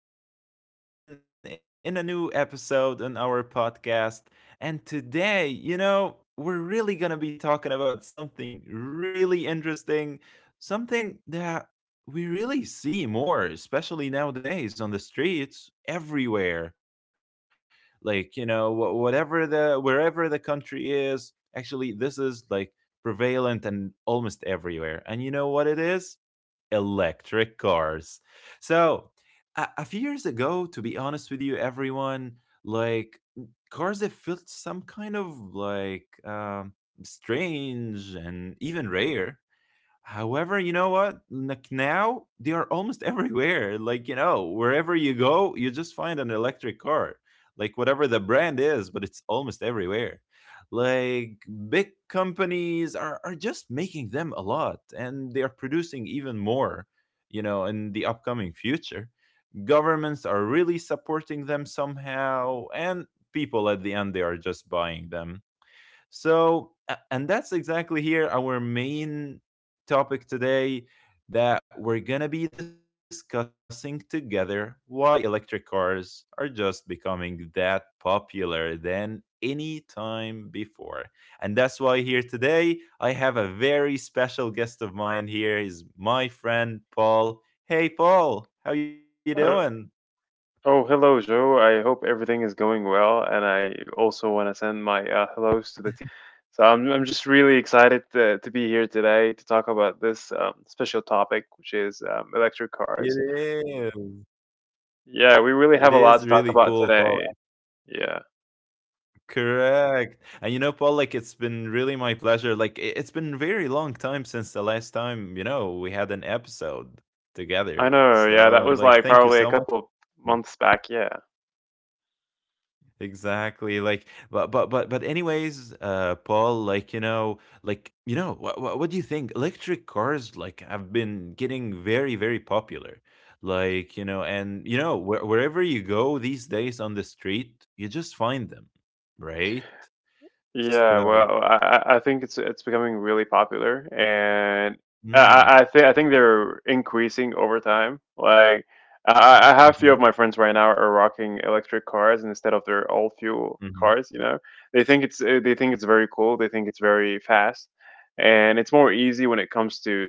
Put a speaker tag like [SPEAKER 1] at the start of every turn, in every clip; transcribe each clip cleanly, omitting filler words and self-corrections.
[SPEAKER 1] This is Yusuf back here on again in a new episode on our podcast. And today, you know, we're really going to be talking about something really interesting, something that we really see more, especially nowadays on the streets everywhere. Like, you know, wh- whatever the wherever the country is, actually, this is like prevalent and almost everywhere. And you know what it is? Electric cars. So, a few years ago, to be honest with you, everyone, like cars that felt some kind of like strange and even rare. However, you know what? Like now they are almost everywhere. Like, you know, wherever you go, you just find an electric car. Like whatever the brand is, but it's almost everywhere. Like big companies are just making them a lot and they are producing even more, you know, in the upcoming future. Governments are really supporting them somehow, and people at the end they are just buying them. So, and that's exactly here our main topic today that we're going to be discussing together why electric cars are just becoming that popular than any time before. And that's why here today I have a very special guest of mine here is my friend Paul. Hey Paul, how you
[SPEAKER 2] Uh,
[SPEAKER 1] doing?
[SPEAKER 2] oh, hello, Joe. I hope everything is going well, and I also want to send my hellos to the team. So I'm just really excited to be here today to talk about this special topic, which is electric cars.
[SPEAKER 1] It is.
[SPEAKER 2] Yeah, we really
[SPEAKER 1] It
[SPEAKER 2] have a lot
[SPEAKER 1] is
[SPEAKER 2] to talk
[SPEAKER 1] really
[SPEAKER 2] about
[SPEAKER 1] cool,
[SPEAKER 2] today.
[SPEAKER 1] Paul.
[SPEAKER 2] Yeah,
[SPEAKER 1] Correct. And you know, Paul, like it's been really my pleasure. Like it's been very long time since the last time, you know, we had an episode
[SPEAKER 2] I
[SPEAKER 1] together.
[SPEAKER 2] know. Yeah, that
[SPEAKER 1] So
[SPEAKER 2] was
[SPEAKER 1] like
[SPEAKER 2] like
[SPEAKER 1] thank you
[SPEAKER 2] probably a
[SPEAKER 1] so much.
[SPEAKER 2] couple of months back. Yeah.
[SPEAKER 1] Exactly. Like but anyways, Paul, like you know, what do you think? Electric cars like have been getting very very popular. Like, you know, and you know, wherever you go these days on the street, you just find them, right?
[SPEAKER 2] Yeah,
[SPEAKER 1] So.
[SPEAKER 2] well, I think it's becoming really popular, and
[SPEAKER 1] Mm,
[SPEAKER 2] I think they're increasing over time. Like I have few of
[SPEAKER 1] mhm,
[SPEAKER 2] my friends right now are rocking electric cars instead of their old fuel
[SPEAKER 1] mhm.
[SPEAKER 2] cars. You know, they think it's very cool. They think it's very fast, and it's more easy when it comes to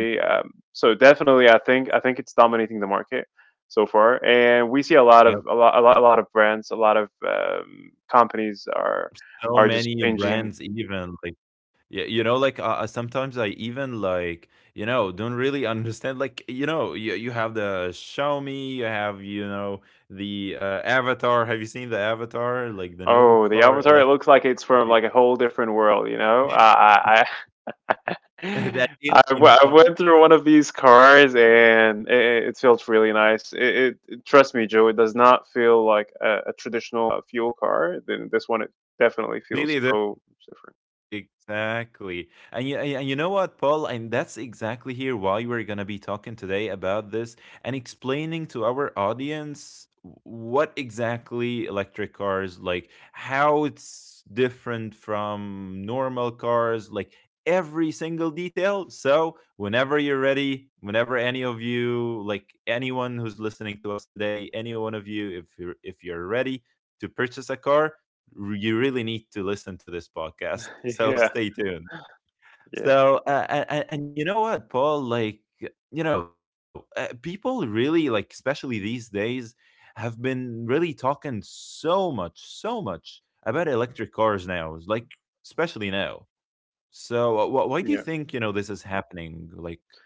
[SPEAKER 1] Y
[SPEAKER 2] So definitely, I think it's dominating the market so far, and we see a lot of
[SPEAKER 1] yep,
[SPEAKER 2] a lot of brands, a lot of companies are
[SPEAKER 1] so
[SPEAKER 2] are just
[SPEAKER 1] many
[SPEAKER 2] changing.
[SPEAKER 1] brands even, like, yeah, you know, like, sometimes I even, like, you know, don't really understand, like, you know, you have the Xiaomi, you have, you know, the Avatar. Have you seen the Avatar? Like, the new
[SPEAKER 2] Oh, the
[SPEAKER 1] car,
[SPEAKER 2] avatar! It
[SPEAKER 1] electric
[SPEAKER 2] looks like it's from like a whole different world. You know,
[SPEAKER 1] that alien
[SPEAKER 2] I
[SPEAKER 1] car.
[SPEAKER 2] went through one of these cars and it feels really nice. Trust me, Joe, it does not feel like a traditional fuel car. Then this one, it definitely feels
[SPEAKER 1] Really.
[SPEAKER 2] so different.
[SPEAKER 1] Exactly. And you know what, Paul? And that's exactly here why we're going to be talking today about this and explaining to our audience what exactly electric cars like, how it's different from normal cars, like every single detail. So, whenever you're ready, whenever any of you, like anyone who's listening to us today, any one of you if you're ready to purchase a car, you really need to listen to this podcast. So
[SPEAKER 2] Yeah,
[SPEAKER 1] stay tuned.
[SPEAKER 2] yeah,
[SPEAKER 1] So and you know what, Paul? Like you know, people really like, especially these days, have been really talking so much about electric cars now. Like especially now. So why do you
[SPEAKER 2] yeah.
[SPEAKER 1] think you know this is happening? Like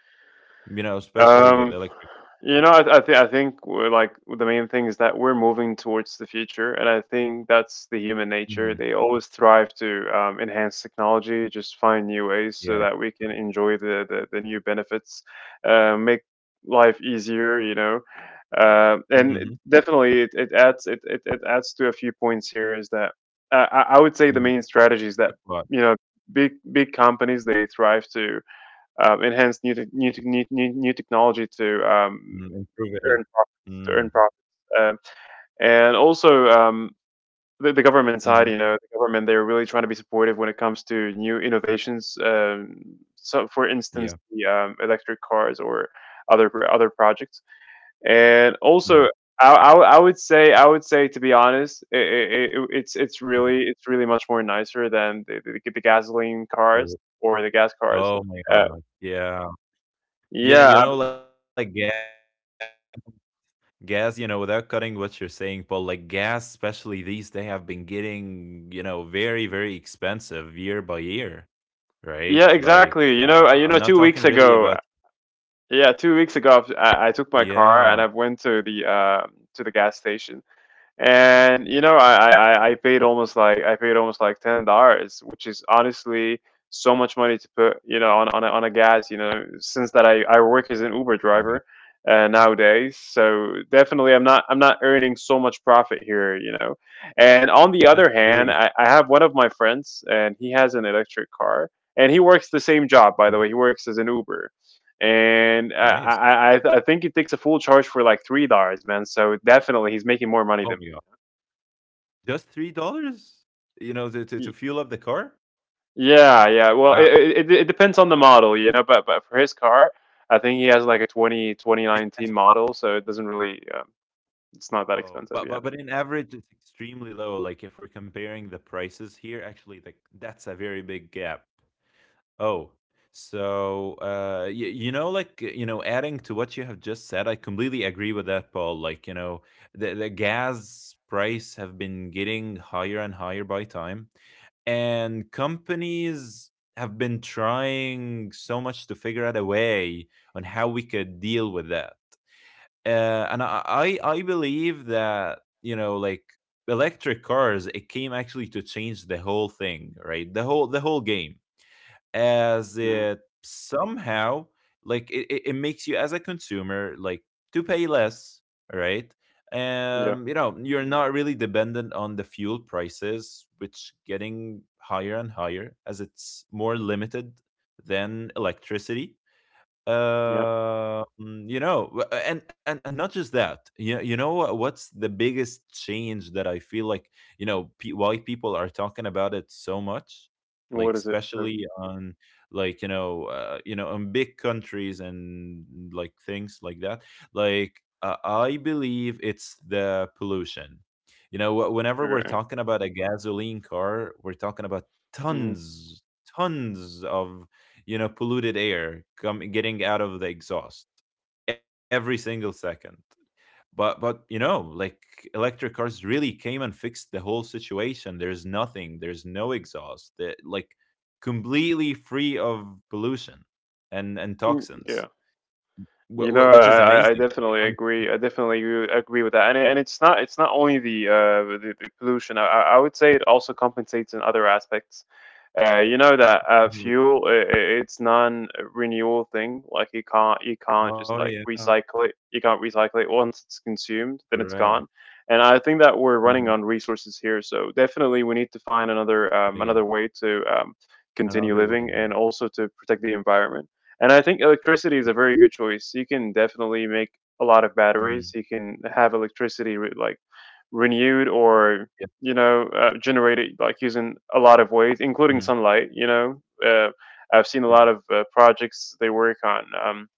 [SPEAKER 1] you know,
[SPEAKER 2] Um,
[SPEAKER 1] especially with electric.
[SPEAKER 2] you know, I think we're like the main thing is that we're moving towards the future, and I think that's the human nature. They always
[SPEAKER 1] Mhm.
[SPEAKER 2] thrive to enhance technology, just find new ways so that we can
[SPEAKER 1] Yeah.
[SPEAKER 2] enjoy the new benefits, make life easier. You know, and
[SPEAKER 1] Mm-hmm.
[SPEAKER 2] definitely it it adds to a few points here is that I would say the main strategies
[SPEAKER 1] Mm-hmm.
[SPEAKER 2] that you know
[SPEAKER 1] Like what?
[SPEAKER 2] big companies they thrive to and hence new technology to earn
[SPEAKER 1] Mm,
[SPEAKER 2] profits,
[SPEAKER 1] improve
[SPEAKER 2] to earn
[SPEAKER 1] it.
[SPEAKER 2] profits. Um,
[SPEAKER 1] Mm-hmm.
[SPEAKER 2] and also, the government side, you know, the government they're
[SPEAKER 1] Mm-hmm.
[SPEAKER 2] really trying to be supportive when it comes to new innovations. So, for instance, the electric
[SPEAKER 1] Yeah.
[SPEAKER 2] cars or other projects, and also. I would
[SPEAKER 1] Mm-hmm.
[SPEAKER 2] say I would say to be honest, I it's really much more nicer than the gasoline cars or the gas cars. Uh,
[SPEAKER 1] Oh my god.
[SPEAKER 2] yeah,
[SPEAKER 1] Yeah. You know, like gas, you know, without cutting what you're saying, Paul, like gas, especially these, they have been getting, you know, very, very expensive year by year,
[SPEAKER 2] Yeah,
[SPEAKER 1] right? Like,
[SPEAKER 2] exactly. You know,
[SPEAKER 1] I'm
[SPEAKER 2] two
[SPEAKER 1] not
[SPEAKER 2] weeks
[SPEAKER 1] talking really
[SPEAKER 2] ago,
[SPEAKER 1] about,
[SPEAKER 2] yeah, two weeks ago, I took my car and I
[SPEAKER 1] yeah.
[SPEAKER 2] went to the gas station, and you know I i paid almost like $10, which is honestly so much money to put, you know, on on a gas. You know, since that I work as an Uber
[SPEAKER 1] Oh
[SPEAKER 2] driver
[SPEAKER 1] my god.
[SPEAKER 2] nowadays, so definitely I'm not earning so much profit here, you know. And on the other
[SPEAKER 1] That's
[SPEAKER 2] hand,
[SPEAKER 1] really
[SPEAKER 2] I have one of my friends and he has an electric car, and he works the same job, by the way. He
[SPEAKER 1] mhm,
[SPEAKER 2] works as an Uber, and I,
[SPEAKER 1] nice.
[SPEAKER 2] I I I think it takes a full charge for like $3, man. So definitely, he's making more money
[SPEAKER 1] Oh
[SPEAKER 2] than me.
[SPEAKER 1] my god. Just $3, you know, to, to,
[SPEAKER 2] Y-
[SPEAKER 1] to fuel up the car?
[SPEAKER 2] Yeah, yeah. Well,
[SPEAKER 1] Wow.
[SPEAKER 2] it it depends on the model, you know. But for his car, I think he has like a 20 2019 model, so it doesn't really. It's not that
[SPEAKER 1] Oh,
[SPEAKER 2] expensive.
[SPEAKER 1] but
[SPEAKER 2] Yeah.
[SPEAKER 1] but but in average, it's extremely low. Like if we're comparing the prices here, actually, like that's a very big gap. Oh, so you know, adding to what you have just said, I completely agree with that, Paul. Like you know, the gas price have been getting higher and higher by time, and companies have been trying so much to figure out a way on how we could deal with that and I believe that you know like electric cars it came actually to change the whole thing, right? The whole game, as
[SPEAKER 2] Mm.
[SPEAKER 1] it somehow like it, it makes you as a consumer like to pay less, right?
[SPEAKER 2] Yeah.
[SPEAKER 1] You know, you're not really dependent on the fuel prices which getting higher and higher as it's more limited than electricity.
[SPEAKER 2] Yeah.
[SPEAKER 1] um you know, and not just that. You know what's the biggest change that I feel like you know why people are talking about it so much, like
[SPEAKER 2] What is it?
[SPEAKER 1] especially on, like you know in big countries and like things like that. Like I believe it's the pollution. You know whenever we're
[SPEAKER 2] Okay.
[SPEAKER 1] talking about a gasoline car we're talking about
[SPEAKER 2] Mhm.
[SPEAKER 1] tons tons of, you know, polluted air come getting out of the exhaust every single second. But you know like electric cars really came and fixed the whole situation. There's no exhaust they like completely free of pollution and
[SPEAKER 2] Mm,
[SPEAKER 1] toxins,
[SPEAKER 2] yeah. You know, I,
[SPEAKER 1] which is
[SPEAKER 2] I I
[SPEAKER 1] amazing. You
[SPEAKER 2] definitely
[SPEAKER 1] know?
[SPEAKER 2] agree. I definitely agree with that. And and it's not only the the pollution. I would say it also compensates in other aspects. You know that
[SPEAKER 1] Mhm, like,
[SPEAKER 2] fuel I it's non-renewal thing. Like you can't
[SPEAKER 1] oh
[SPEAKER 2] just like
[SPEAKER 1] yeah,
[SPEAKER 2] recycle it. You can't recycle it once it's consumed, then it's
[SPEAKER 1] correct,
[SPEAKER 2] gone. And I think that we're
[SPEAKER 1] hmm,
[SPEAKER 2] running on resources here, so definitely we need to find another,
[SPEAKER 1] right,
[SPEAKER 2] another way to continue
[SPEAKER 1] another
[SPEAKER 2] living
[SPEAKER 1] way.
[SPEAKER 2] and also to protect the environment. And I think electricity is a very good choice. You can definitely make a lot of
[SPEAKER 1] Mhm,
[SPEAKER 2] batteries. You can have electricity like renewed or,
[SPEAKER 1] yeah,
[SPEAKER 2] you know, generated like using a lot of ways,
[SPEAKER 1] mhm,
[SPEAKER 2] including sunlight. You know, I've seen a
[SPEAKER 1] correct.
[SPEAKER 2] lot of projects they work on,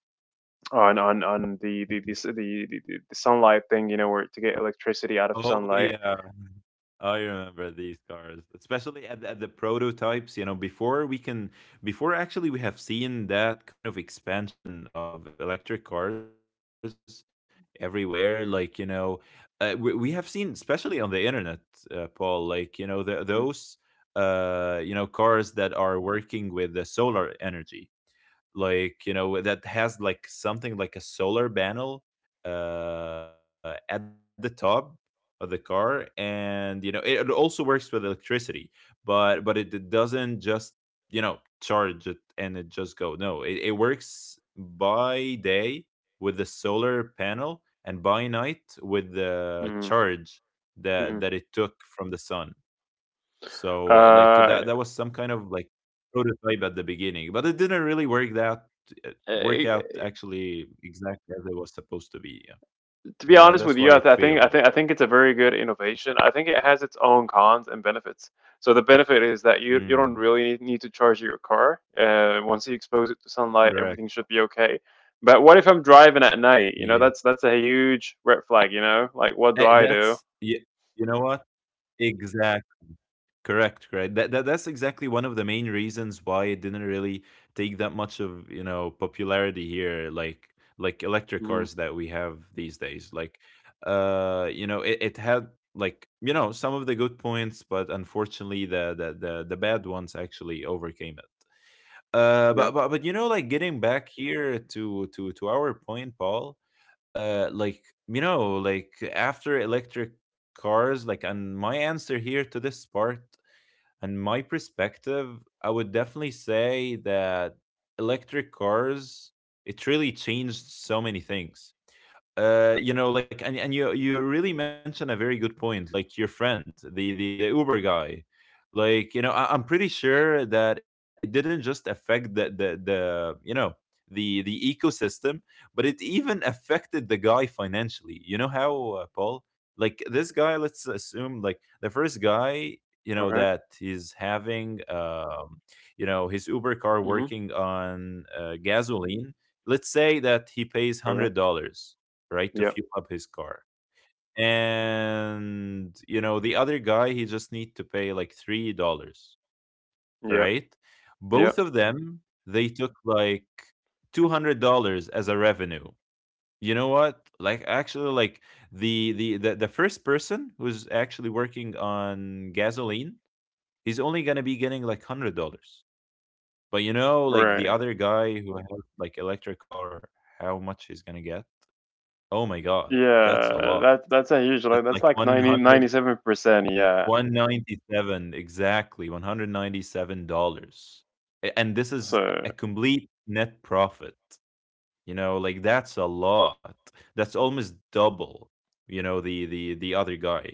[SPEAKER 2] on
[SPEAKER 1] Mhm.
[SPEAKER 2] the sunlight thing. You know, where to get electricity out of
[SPEAKER 1] Oh
[SPEAKER 2] sunlight.
[SPEAKER 1] yeah. Oh, I remember these cars, especially at at the prototypes. You know, before we can, before actually we have seen that kind of expansion of electric cars everywhere. Like you know, we have seen, especially on the internet, Paul. Like you know, those you know cars that are working with the solar energy, like you know that has like something like a solar panel at the top of the car. And you know it, it also works with electricity, but it doesn't just, you know, charge it and it just go. No, it, it works by day with the solar panel and by night with the
[SPEAKER 2] Mm-hmm.
[SPEAKER 1] charge
[SPEAKER 2] Mm-hmm.
[SPEAKER 1] that it took from the sun. So, like,
[SPEAKER 2] Uh,
[SPEAKER 1] that that was some kind of like prototype at the beginning, but it didn't really uh,
[SPEAKER 2] eh,
[SPEAKER 1] work out actually exactly as it was supposed to be, yeah.
[SPEAKER 2] to be honest with you, I,
[SPEAKER 1] Tha
[SPEAKER 2] th- I
[SPEAKER 1] that's why
[SPEAKER 2] think I
[SPEAKER 1] it
[SPEAKER 2] think I think it's
[SPEAKER 1] failed.
[SPEAKER 2] a very good innovation. I think it has its own cons and benefits. So the benefit is that you don't really need,
[SPEAKER 1] Mm,
[SPEAKER 2] need to charge your car. Once you expose it to sunlight, everything should be
[SPEAKER 1] correct,
[SPEAKER 2] okay. But what if I'm driving at night? You know, that's a
[SPEAKER 1] yeah.
[SPEAKER 2] huge red flag. You know, like
[SPEAKER 1] Eh,
[SPEAKER 2] what do I
[SPEAKER 1] that's
[SPEAKER 2] do?
[SPEAKER 1] yeah. You know what? Exactly. Correct. That's exactly one of the main reasons why it didn't really take that much of, you know, popularity here, like electric
[SPEAKER 2] Hmm.
[SPEAKER 1] cars that we have these days. Like you know, it had like, you know, some of the good points, but unfortunately the bad ones actually overcame it.
[SPEAKER 2] Yeah.
[SPEAKER 1] But, but you know, like getting back here to to our point, Paul, like you know, like after electric cars, like and my answer here to this part and my perspective, I would definitely say that electric cars, it really changed so many things, you
[SPEAKER 2] Okay.
[SPEAKER 1] know, like, and you you really mentioned a very good point, like your friend, the Uber guy. Like, you know, I, I'm pretty sure that it didn't just affect the you know the ecosystem, but it even affected the guy financially. You know how, Paul, like this guy, let's assume like the first guy, you know,
[SPEAKER 2] Okay.
[SPEAKER 1] that he's having, you know, his Uber car
[SPEAKER 2] Hmm.
[SPEAKER 1] working on gasoline. Let's say that he pays
[SPEAKER 2] Okay.
[SPEAKER 1] $100, right? To
[SPEAKER 2] Yep.
[SPEAKER 1] fuel up his car. And you know, the other guy he just need to pay like $3,
[SPEAKER 2] Yep.
[SPEAKER 1] right? Both
[SPEAKER 2] Yep.
[SPEAKER 1] of them they took like $200 as a revenue. You know what? Like actually like the the first person who's actually working on gasoline, he's only gonna be getting like $100. But you know, like the
[SPEAKER 2] Right.
[SPEAKER 1] other guy who has like electric car, how much he's gonna get? Oh my god, that's a
[SPEAKER 2] Yeah.
[SPEAKER 1] lot.
[SPEAKER 2] That that's a huge.
[SPEAKER 1] That's
[SPEAKER 2] Like,
[SPEAKER 1] like
[SPEAKER 2] that's like
[SPEAKER 1] one
[SPEAKER 2] 90
[SPEAKER 1] hundred
[SPEAKER 2] 97 percent. Yeah.
[SPEAKER 1] one ninety seven exactly, $197. A and this is
[SPEAKER 2] So
[SPEAKER 1] a complete net profit, you know, like, that's a lot. That's almost double, you know, the other guy.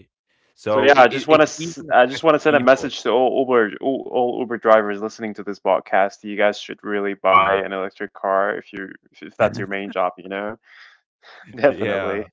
[SPEAKER 2] So
[SPEAKER 1] So
[SPEAKER 2] yeah,
[SPEAKER 1] it
[SPEAKER 2] I
[SPEAKER 1] it
[SPEAKER 2] just want
[SPEAKER 1] it
[SPEAKER 2] to
[SPEAKER 1] even affects
[SPEAKER 2] send a
[SPEAKER 1] people.
[SPEAKER 2] message to all Uber, all Uber drivers listening to this podcast. You guys should really buy
[SPEAKER 1] Yeah.
[SPEAKER 2] an electric car if you if that's your main job, you know.
[SPEAKER 1] Yeah.
[SPEAKER 2] Definitely.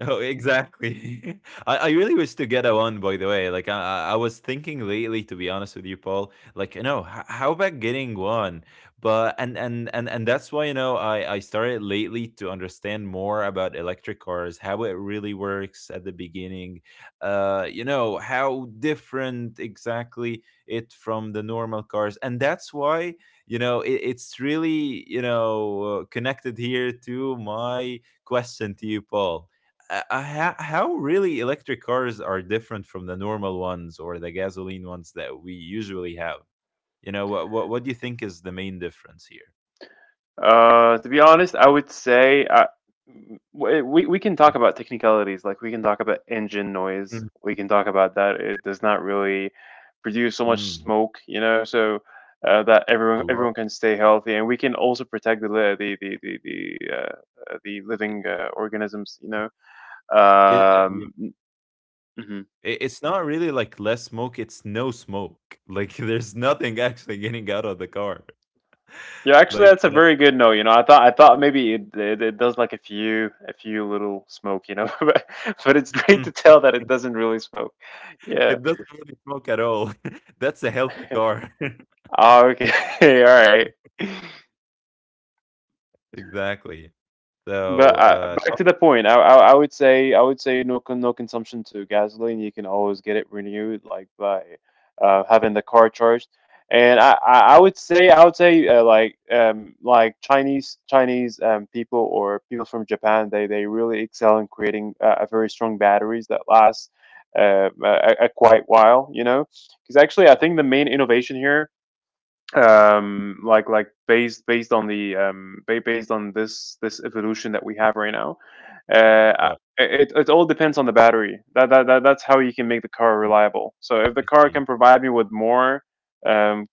[SPEAKER 1] Oh, exactly. I really wish to get a one, by the way. Like, I was thinking lately, to be honest with you, Paul, like, you know, how about getting one? But, and that's why, you know, I started lately to understand more about electric cars, how it really works at the beginning, you know, how different exactly it from the normal cars. And that's why, you know, it, it's really, you know, connected here to my question to you, Paul, how really electric cars are different from the normal ones or the gasoline ones that we usually have. You know, what do you think is the main difference here?
[SPEAKER 2] To be honest, I would say we can talk about technicalities. Like we can talk about engine noise.
[SPEAKER 1] Mm.
[SPEAKER 2] We can talk about that. It does not really produce so much
[SPEAKER 1] Mm,
[SPEAKER 2] smoke, you know, so that
[SPEAKER 1] a lot.
[SPEAKER 2] everyone can stay healthy, and we can also protect the li- the living organisms, you know.
[SPEAKER 1] It, yeah.
[SPEAKER 2] Um, mhm.
[SPEAKER 1] It- it's not really like less smoke, it's no smoke. Like there's nothing actually getting out of the car.
[SPEAKER 2] Yeah, actually, that's
[SPEAKER 1] Like,
[SPEAKER 2] a
[SPEAKER 1] you know,
[SPEAKER 2] very good note. You know, I thought maybe it does like a few little smoke. You know, but it's
[SPEAKER 1] mm,
[SPEAKER 2] great to tell that it doesn't really smoke.
[SPEAKER 1] it
[SPEAKER 2] Yeah.
[SPEAKER 1] doesn't really smoke at all. That's a healthy car.
[SPEAKER 2] Oh, okay. All right.
[SPEAKER 1] Exactly. So,
[SPEAKER 2] But
[SPEAKER 1] uh,
[SPEAKER 2] back
[SPEAKER 1] talk-
[SPEAKER 2] to the point, I would say no no consumption to gasoline. You can always get it renewed, like by having the car charged. And I would say I would say, like Chinese Chinese people or people from Japan, they really excel in creating a very strong batteries that last a quite while, you know, because actually I
[SPEAKER 1] Mm,
[SPEAKER 2] think the main innovation here,
[SPEAKER 1] yeah,
[SPEAKER 2] like based on the based on this this evolution that we have right now, uh
[SPEAKER 1] what?
[SPEAKER 2] it it all depends on the battery. That's how you can make the car
[SPEAKER 1] Mm,
[SPEAKER 2] reliable. So if the
[SPEAKER 1] I
[SPEAKER 2] car
[SPEAKER 1] see.
[SPEAKER 2] can provide me with more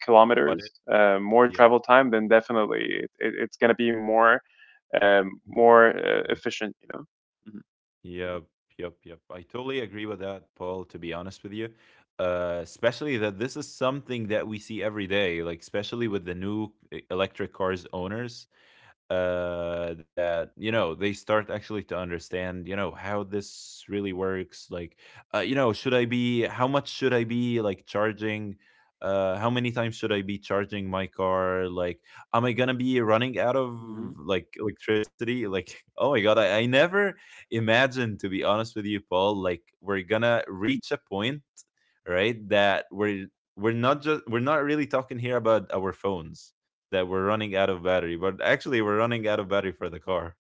[SPEAKER 1] What
[SPEAKER 2] kilometers,
[SPEAKER 1] is?
[SPEAKER 2] more travel time, then definitely it, it, it's going to be more,
[SPEAKER 1] Mhm.
[SPEAKER 2] more, efficient, you know.
[SPEAKER 1] Yep, yep, yep. I totally agree with that, Paul, to be honest with you. Especially that this is something that we see every day, like especially with the new electric cars owners that you know they start actually to understand you know how this really works like you know should I be how much should I be like charging, how many times should I be charging my car, like am I gonna be running out of
[SPEAKER 2] Mhm.
[SPEAKER 1] like electricity, like oh my god, I never imagined to be honest with you, Paul, like we're gonna reach a point, right? That We're not just, we're not really talking here about our phones that we're running out of battery, but actually we're running out of battery for the car.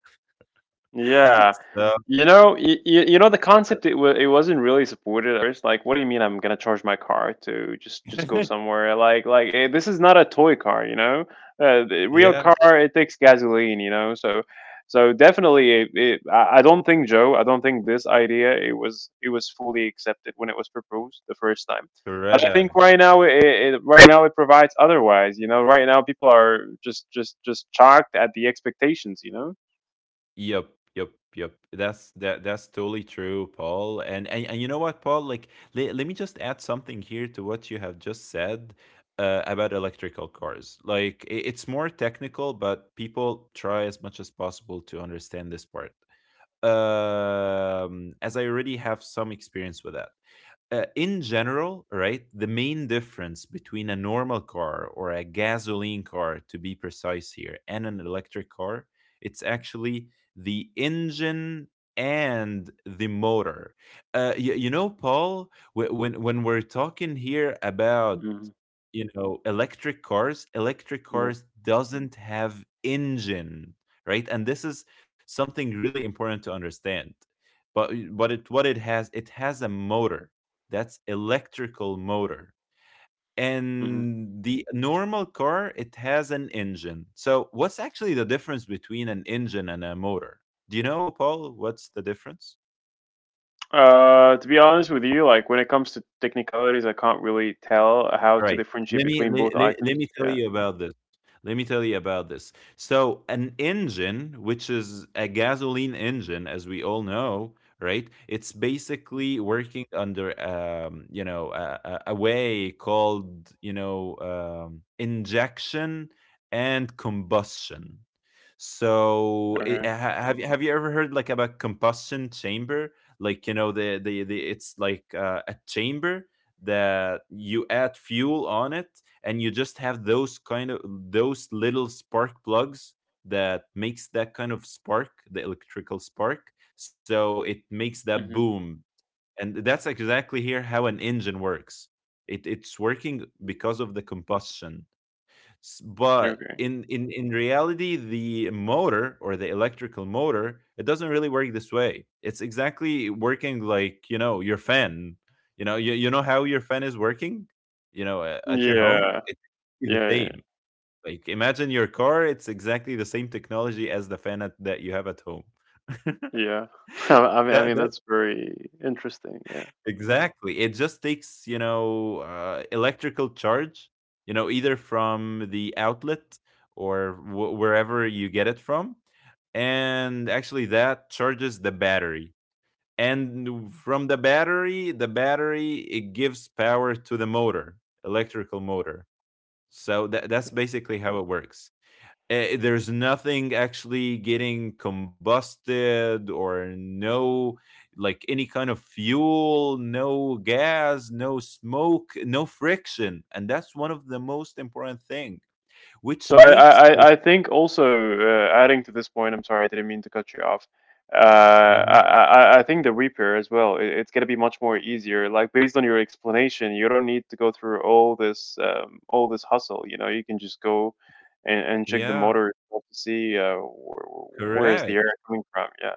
[SPEAKER 2] Yeah.
[SPEAKER 1] So
[SPEAKER 2] You know, you know the concept, it wasn't really supported at first. Like, what do you mean I'm gonna charge my car to just go somewhere? Like this is not a toy car, you know? The real
[SPEAKER 1] yeah,
[SPEAKER 2] car it takes gasoline, you know? So so definitely I don't think, Joe, I don't think this idea it was fully accepted when it was proposed the first time. But I think
[SPEAKER 1] correct.
[SPEAKER 2] right now it right now it provides otherwise, you know? Right now people are just shocked at the expectations, you know?
[SPEAKER 1] Yep, yep, yep. That's that that's totally true, Paul. And you know what, Paul? Like let me just add something here to what you have just said, about electrical cars. Like it's more technical, but people try as much as possible to understand this part. As I already have some experience with that. In general, right, the main difference between a normal car, or a gasoline car to be precise here, and an electric car, it's actually the engine and the motor. You know, Paul, when we're talking here about
[SPEAKER 2] Hmm.
[SPEAKER 1] you know, electric
[SPEAKER 2] Yeah.
[SPEAKER 1] cars doesn't have engine, right? And this is something really important to understand. But it what it has a motor. That's electrical motor.
[SPEAKER 2] Mhm.
[SPEAKER 1] And the normal car, it has an engine. So what's actually the difference between an engine and a motor? Do you know, Paul, what's the difference?
[SPEAKER 2] To be honest with you, like when it comes to technicalities, I can't really tell how
[SPEAKER 1] All
[SPEAKER 2] to
[SPEAKER 1] right.
[SPEAKER 2] differentiate between both
[SPEAKER 1] Let
[SPEAKER 2] items.
[SPEAKER 1] me tell
[SPEAKER 2] Yeah.
[SPEAKER 1] you about this. Let me tell you about this. So an engine, which is a gasoline engine, as we all know, right? It's
[SPEAKER 2] Mm.
[SPEAKER 1] basically working under you know, a way called, you know, injection and combustion. So
[SPEAKER 2] Okay.
[SPEAKER 1] have you, ever heard like about combustion chamber? Like you know the, it's like a chamber that you add fuel on it, and you just have those kind of those little spark plugs that makes that kind of spark, the electrical spark, so it makes that
[SPEAKER 2] Hmm.
[SPEAKER 1] boom. And that's exactly here how an engine works. It's working because of the combustion. But
[SPEAKER 2] Okay.
[SPEAKER 1] in reality, the motor or the electrical motor, it doesn't really work this way. It's exactly working like, you know, your fan. You know how your fan is working, you know, at your home?
[SPEAKER 2] Yeah.
[SPEAKER 1] It's the
[SPEAKER 2] Yeah. Yeah.
[SPEAKER 1] same. Like, imagine your car, it's exactly the same technology as the fan that you have at home. that,
[SPEAKER 2] Yeah.
[SPEAKER 1] that.
[SPEAKER 2] That's very interesting. Yeah.
[SPEAKER 1] Exactly. It just takes, you know, electrical charge, you know, either from the outlet or wherever you get it from. And actually, that charges the battery. And from the battery, it gives power to the motor, electrical motor. So that's basically how it works. There's nothing actually getting combusted, or no like any kind of fuel, no gas, no smoke, no friction, and that's one of the most important thing which
[SPEAKER 2] So I, I,
[SPEAKER 1] makes like,
[SPEAKER 2] I I think also, adding to this point, I'm sorry, I didn't mean to cut you off.
[SPEAKER 1] Mhm.
[SPEAKER 2] I think the repair as well, it, it's going to be much more easier. Like based on your explanation, you don't need to go through all this hustle. You know, you can just go and, check the
[SPEAKER 1] Yeah,
[SPEAKER 2] motor yourself to see where is the error
[SPEAKER 1] correct.
[SPEAKER 2] coming from. Yeah.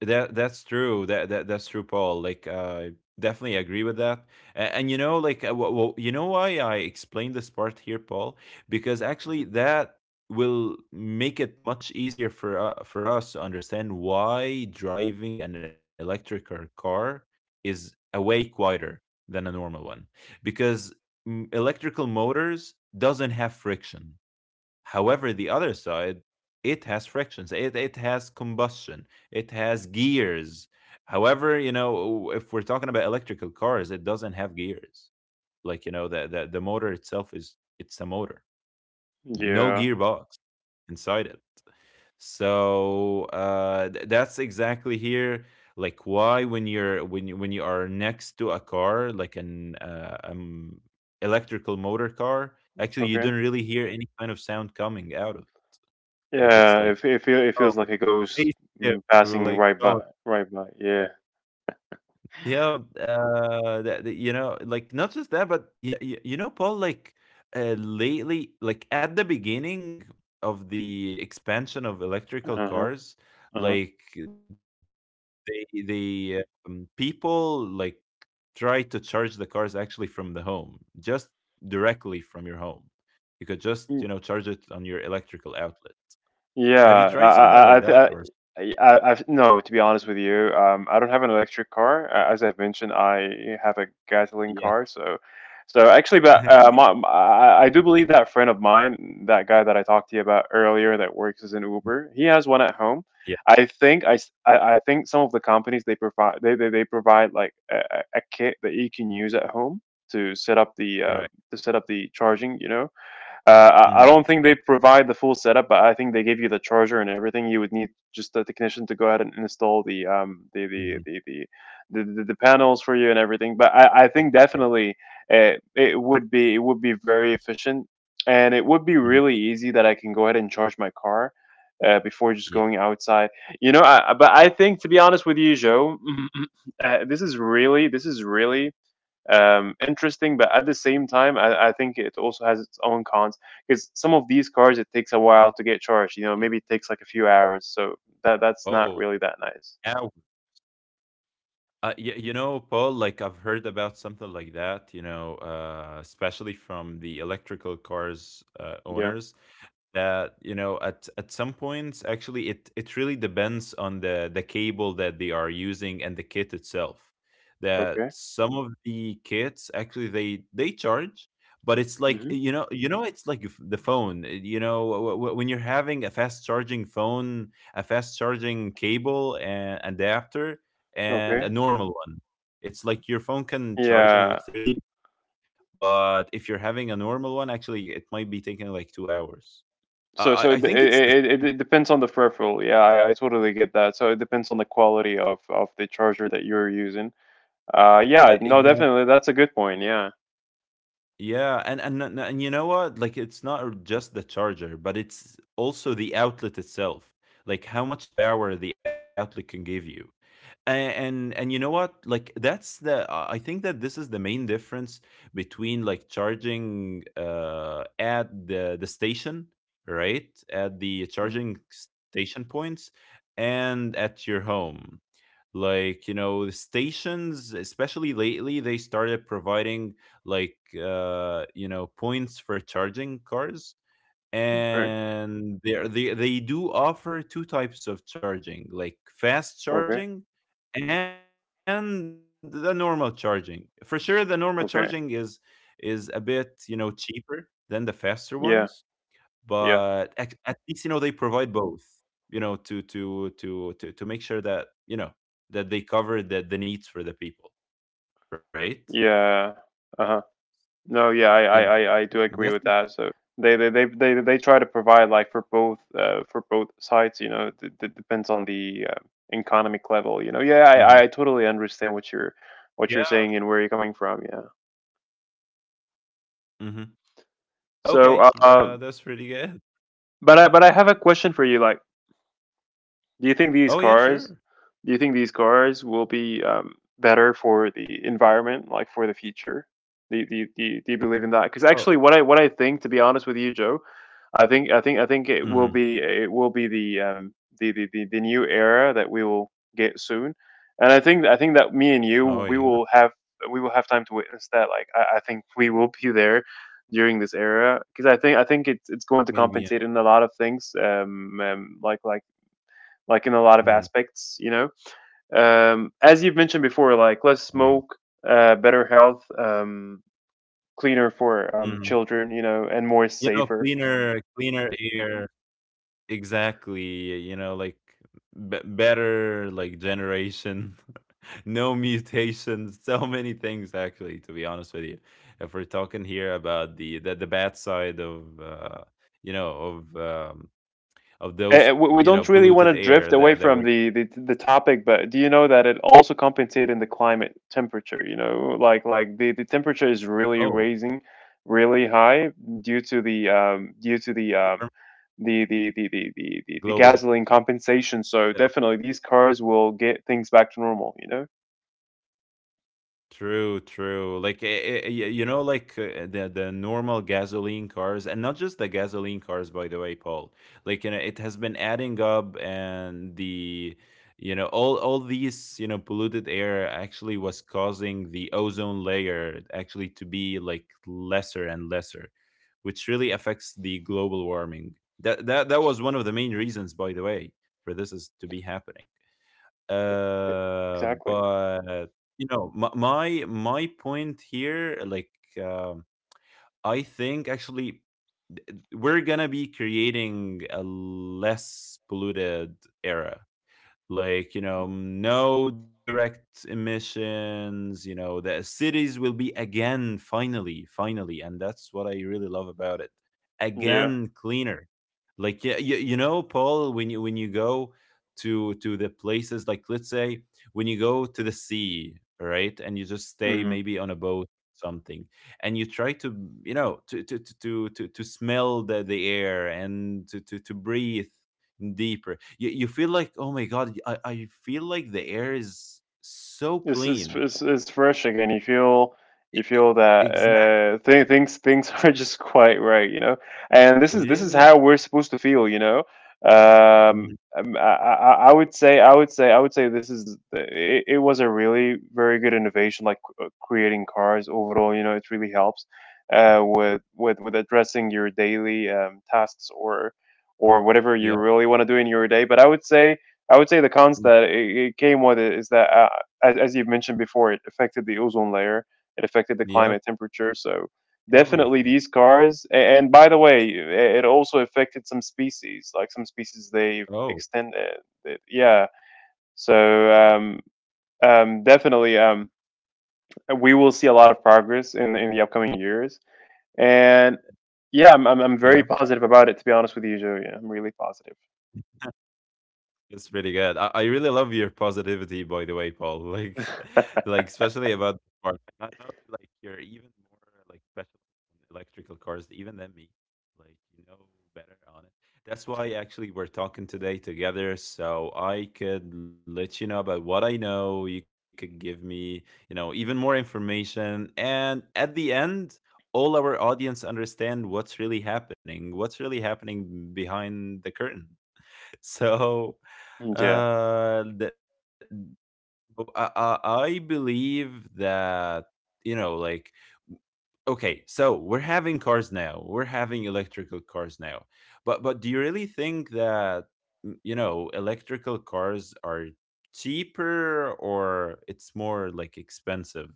[SPEAKER 1] That that's true, Paul, like I definitely agree with that. And you know like, you know why I explained this part here, Paul, because actually
[SPEAKER 2] Hmm.
[SPEAKER 1] that will make it much easier for us to understand why driving an electric or car is a way quieter than a normal one, because mm, electrical motors doesn't have friction. However, the other side, it has frictions, it has combustion, it has gears. However, you know, if we're talking about electrical cars, it doesn't have gears. Like, you know, the motor itself is it's a motor. No
[SPEAKER 2] Yeah.
[SPEAKER 1] gearbox inside it. So that's exactly here like why when you're when you are next to a car like an electrical motor car, actually you
[SPEAKER 2] Okay.
[SPEAKER 1] don't really hear any kind of sound coming out of, like, it's
[SPEAKER 2] Yeah.
[SPEAKER 1] like,
[SPEAKER 2] It
[SPEAKER 1] "Oh,
[SPEAKER 2] feels like it goes,
[SPEAKER 1] spaceship." We were
[SPEAKER 2] passing
[SPEAKER 1] like,
[SPEAKER 2] right by,
[SPEAKER 1] "Oh."
[SPEAKER 2] right by. Yeah.
[SPEAKER 1] Yeah, that that you know, like, not just that, but yeah, y you know, Paul, like, lately like, at the beginning of the expansion of electrical
[SPEAKER 2] Uh huh.
[SPEAKER 1] cars,
[SPEAKER 2] Uh
[SPEAKER 1] like, people, like, try to charge the cars actually from the home, just directly from your home. You could just, you know, charge it
[SPEAKER 2] huh.
[SPEAKER 1] on your electrical outlet. Have you tried
[SPEAKER 2] Yeah,
[SPEAKER 1] something like that or
[SPEAKER 2] I, th- I, I've no. To be honest with you, I don't have an electric car. As I've mentioned, I have a
[SPEAKER 1] Yeah.
[SPEAKER 2] gasoline car. So, so actually, but I do believe that friend of mine, that guy that I talked to you about earlier, that works as an
[SPEAKER 1] Mm,
[SPEAKER 2] Uber, he has one at home.
[SPEAKER 1] yeah,
[SPEAKER 2] I think I think some of the companies they provide like a kit that you can use at home to set up the
[SPEAKER 1] correct.
[SPEAKER 2] to set up the charging. Uh, I
[SPEAKER 1] Mhm,
[SPEAKER 2] don't think they provide the full setup, but I think they give you the charger and everything you would need. Just the technician to go ahead and install the um the the
[SPEAKER 1] mhm.
[SPEAKER 2] the the the, the, the panels for you and everything. But I think
[SPEAKER 1] Holy shit.
[SPEAKER 2] definitely it would be very efficient, and it would be
[SPEAKER 1] Mhm,
[SPEAKER 2] really easy that I can go ahead and charge my car before just
[SPEAKER 1] yeah,
[SPEAKER 2] going outside. But I think to be honest with you, Joe,
[SPEAKER 1] mm,
[SPEAKER 2] this is really interesting, but at the same time, I think it also has its own cons because some of these cars it takes a while to get charged. You know,
[SPEAKER 1] yeah.
[SPEAKER 2] maybe it takes like a few hours, so that's not
[SPEAKER 1] Oh,
[SPEAKER 2] really that nice.
[SPEAKER 1] now you know, Paul, like I've heard about something like that, you know, especially from the electrical cars
[SPEAKER 2] Yeah. Yeah.
[SPEAKER 1] owners, that you know at some points actually it really depends on the cable that they are using and the kit itself, that
[SPEAKER 2] Okay.
[SPEAKER 1] some of the kits actually they charge, but it's like
[SPEAKER 2] Hmm.
[SPEAKER 1] you know, you know it's like if the phone, you know, when you're having a fast charging phone, a fast charging cable and adapter, and a
[SPEAKER 2] Okay.
[SPEAKER 1] normal one. It's like your phone can charge in like
[SPEAKER 2] Yeah.
[SPEAKER 1] 30, but if you're having a normal one, actually, it might be taking like 2 hours. I,
[SPEAKER 2] So so
[SPEAKER 1] I
[SPEAKER 2] it,
[SPEAKER 1] think it's the
[SPEAKER 2] it it it depends on the peripheral. Yeah, I totally get that. So it depends on the quality of the charger that you're using. Yeah. No,
[SPEAKER 1] exactly.
[SPEAKER 2] definitely, that's a good point. Yeah.
[SPEAKER 1] Yeah, and you know what? Like, it's not just the charger, but it's also the outlet itself. Like, how much power the outlet can give you. And you know what, like that's the I think that this is the main difference between like charging at the station, right, at the
[SPEAKER 2] Hmm.
[SPEAKER 1] charging station points, and at your home. Like you know the stations, especially lately, they started providing like you know points for charging cars,
[SPEAKER 2] Okay.
[SPEAKER 1] and they do offer two types of charging, like fast
[SPEAKER 2] Okay.
[SPEAKER 1] charging and the normal charging. For sure the normal charging
[SPEAKER 2] Okay.
[SPEAKER 1] is a bit you know cheaper than the faster ones,
[SPEAKER 2] Yeah.
[SPEAKER 1] but
[SPEAKER 2] Yeah.
[SPEAKER 1] at least you know they provide both, you know, to make sure that you know that they cover the needs for the people, right?
[SPEAKER 2] Yeah. Uh huh. No, yeah,
[SPEAKER 1] yeah
[SPEAKER 2] I do
[SPEAKER 1] that's
[SPEAKER 2] agree with that. So they they try to provide like for both sides. You know, it depends on the economic level. You know, yeah,
[SPEAKER 1] Mhm.
[SPEAKER 2] I totally understand what you're
[SPEAKER 1] Yeah,
[SPEAKER 2] saying and where you're coming from. Yeah.
[SPEAKER 1] hmm,
[SPEAKER 2] So,
[SPEAKER 1] okay, that's pretty good.
[SPEAKER 2] but but I have a question for you. Like, do you think these
[SPEAKER 1] Oh yeah,
[SPEAKER 2] cars,
[SPEAKER 1] sure.
[SPEAKER 2] do you think these cars will be better for the environment, like for the future? Do you believe in that? Because actually,
[SPEAKER 1] Oh
[SPEAKER 2] what I think, to be honest with you, Joe, I think
[SPEAKER 1] mhm.
[SPEAKER 2] it will be the the new era that we will get soon, and I think that me and you
[SPEAKER 1] Oh, yeah,
[SPEAKER 2] we will have time to witness that. Like I think we will be there during this era because I think it's going to
[SPEAKER 1] maybe, yeah.
[SPEAKER 2] compensate in a lot of things, like in a lot of
[SPEAKER 1] Mhm,
[SPEAKER 2] aspects, you know. As you've mentioned before, like less
[SPEAKER 1] yeah,
[SPEAKER 2] smoke, better health, cleaner for
[SPEAKER 1] mhm,
[SPEAKER 2] children, you know, and more
[SPEAKER 1] you know,
[SPEAKER 2] safer.
[SPEAKER 1] cleaner air, exactly, you know, like, b better, like, generation, no mutations, so many things actually, to be honest with you. If we're talking here about the bad side of, you know, of those,
[SPEAKER 2] Eh, we
[SPEAKER 1] you know,
[SPEAKER 2] don't really want
[SPEAKER 1] polluted
[SPEAKER 2] to
[SPEAKER 1] air
[SPEAKER 2] drift away
[SPEAKER 1] that that
[SPEAKER 2] from
[SPEAKER 1] we
[SPEAKER 2] the, the topic, but do you know that it also compensates in the climate temperature? You know, like the temperature is really
[SPEAKER 1] oh,
[SPEAKER 2] raising, really high due to the the
[SPEAKER 1] global warming.
[SPEAKER 2] gasoline compensation. So
[SPEAKER 1] Yeah,
[SPEAKER 2] definitely, these cars will get things back to normal. You know,
[SPEAKER 1] true, true. Like you know, like the normal gasoline cars, and not just the gasoline cars, by the way, Paul. Like you know, it has been adding up, and the you know all these you know polluted air actually was causing the ozone layer actually to be like lesser and lesser, which really affects the global warming. That was one of the main reasons, by the way, for this is to be happening.
[SPEAKER 2] eh, exactly.
[SPEAKER 1] But you know, my point here, like, um, I think actually we're gonna be creating a less polluted era, like you know no direct emissions, you know the cities will be again, finally, and that's what I really love about it.
[SPEAKER 2] Yeah.
[SPEAKER 1] Again, cleaner. Like yeah, you know, Paul, when you go to the places, like let's say when you go to the sea, right, and you just stay
[SPEAKER 2] Mhm.
[SPEAKER 1] maybe on a boat, something, and you try to, you know, to smell the air, and to, to breathe deeper. You feel like, oh my god, I feel like the air is so clean.
[SPEAKER 2] It's fresh again. You feel that
[SPEAKER 1] Exactly.
[SPEAKER 2] things things are just quite right, you know. And this is
[SPEAKER 1] Yeah.
[SPEAKER 2] how we're supposed to feel, you know.
[SPEAKER 1] Mhm.
[SPEAKER 2] I would say this is it, it was a really very good innovation, like creating cars overall. You know, it really helps with addressing your daily tasks or whatever you
[SPEAKER 1] Yep.
[SPEAKER 2] really want to do in your day. But I would say the cons
[SPEAKER 1] Mm,
[SPEAKER 2] that it came with it is that as you've mentioned before, it affected the ozone layer, it affected the climate
[SPEAKER 1] yep.
[SPEAKER 2] temperature. So definitely these
[SPEAKER 1] Everything.
[SPEAKER 2] cars. And by the way, it also affected some species, like some species they've
[SPEAKER 1] Oh,
[SPEAKER 2] extended. Yeah. So um, definitely, we will see a lot of progress in the upcoming years. And
[SPEAKER 1] yeah.
[SPEAKER 2] yeah, I'm very positive about it. To be honest with you, Joey, I'm really positive.
[SPEAKER 1] It's pretty good. I really love your positivity, by the way, Paul. Like, like especially about this part. I know like you're even more like special in electrical cars even than me. Like you know better on it. That's why actually we're talking today together, so I could let you know about what I know. You could give me, you know, even more information, and at the end. All our audience understand what's really happening behind the curtain. So
[SPEAKER 2] Yeah.
[SPEAKER 1] that oh, I believe that you know, like, okay, so we're having cars now. We're having electrical cars now, but do you really think that you know, electrical cars are cheaper or it's more like expensive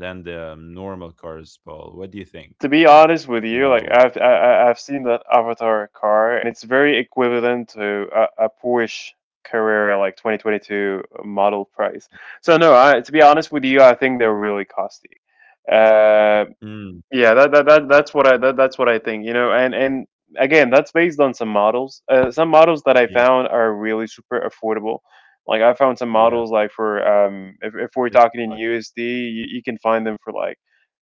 [SPEAKER 1] than the normal cars, Paul? What do you think?
[SPEAKER 2] To be honest with
[SPEAKER 1] You
[SPEAKER 2] you, like
[SPEAKER 1] know,
[SPEAKER 2] I've seen that Avatar car, and it's very equivalent to a Porsche Carrera like 2022 model price. So no, I, to be honest with you, I think they're really costly. Uh,
[SPEAKER 1] mm,
[SPEAKER 2] yeah, that's what I that's what I think, you know, and again, that's based on some models. Some models that I
[SPEAKER 1] yeah,
[SPEAKER 2] found are really super affordable. Like I found some models
[SPEAKER 1] yeah,
[SPEAKER 2] like for if we're
[SPEAKER 1] like
[SPEAKER 2] talking in
[SPEAKER 1] what?
[SPEAKER 2] USD, you can find them for like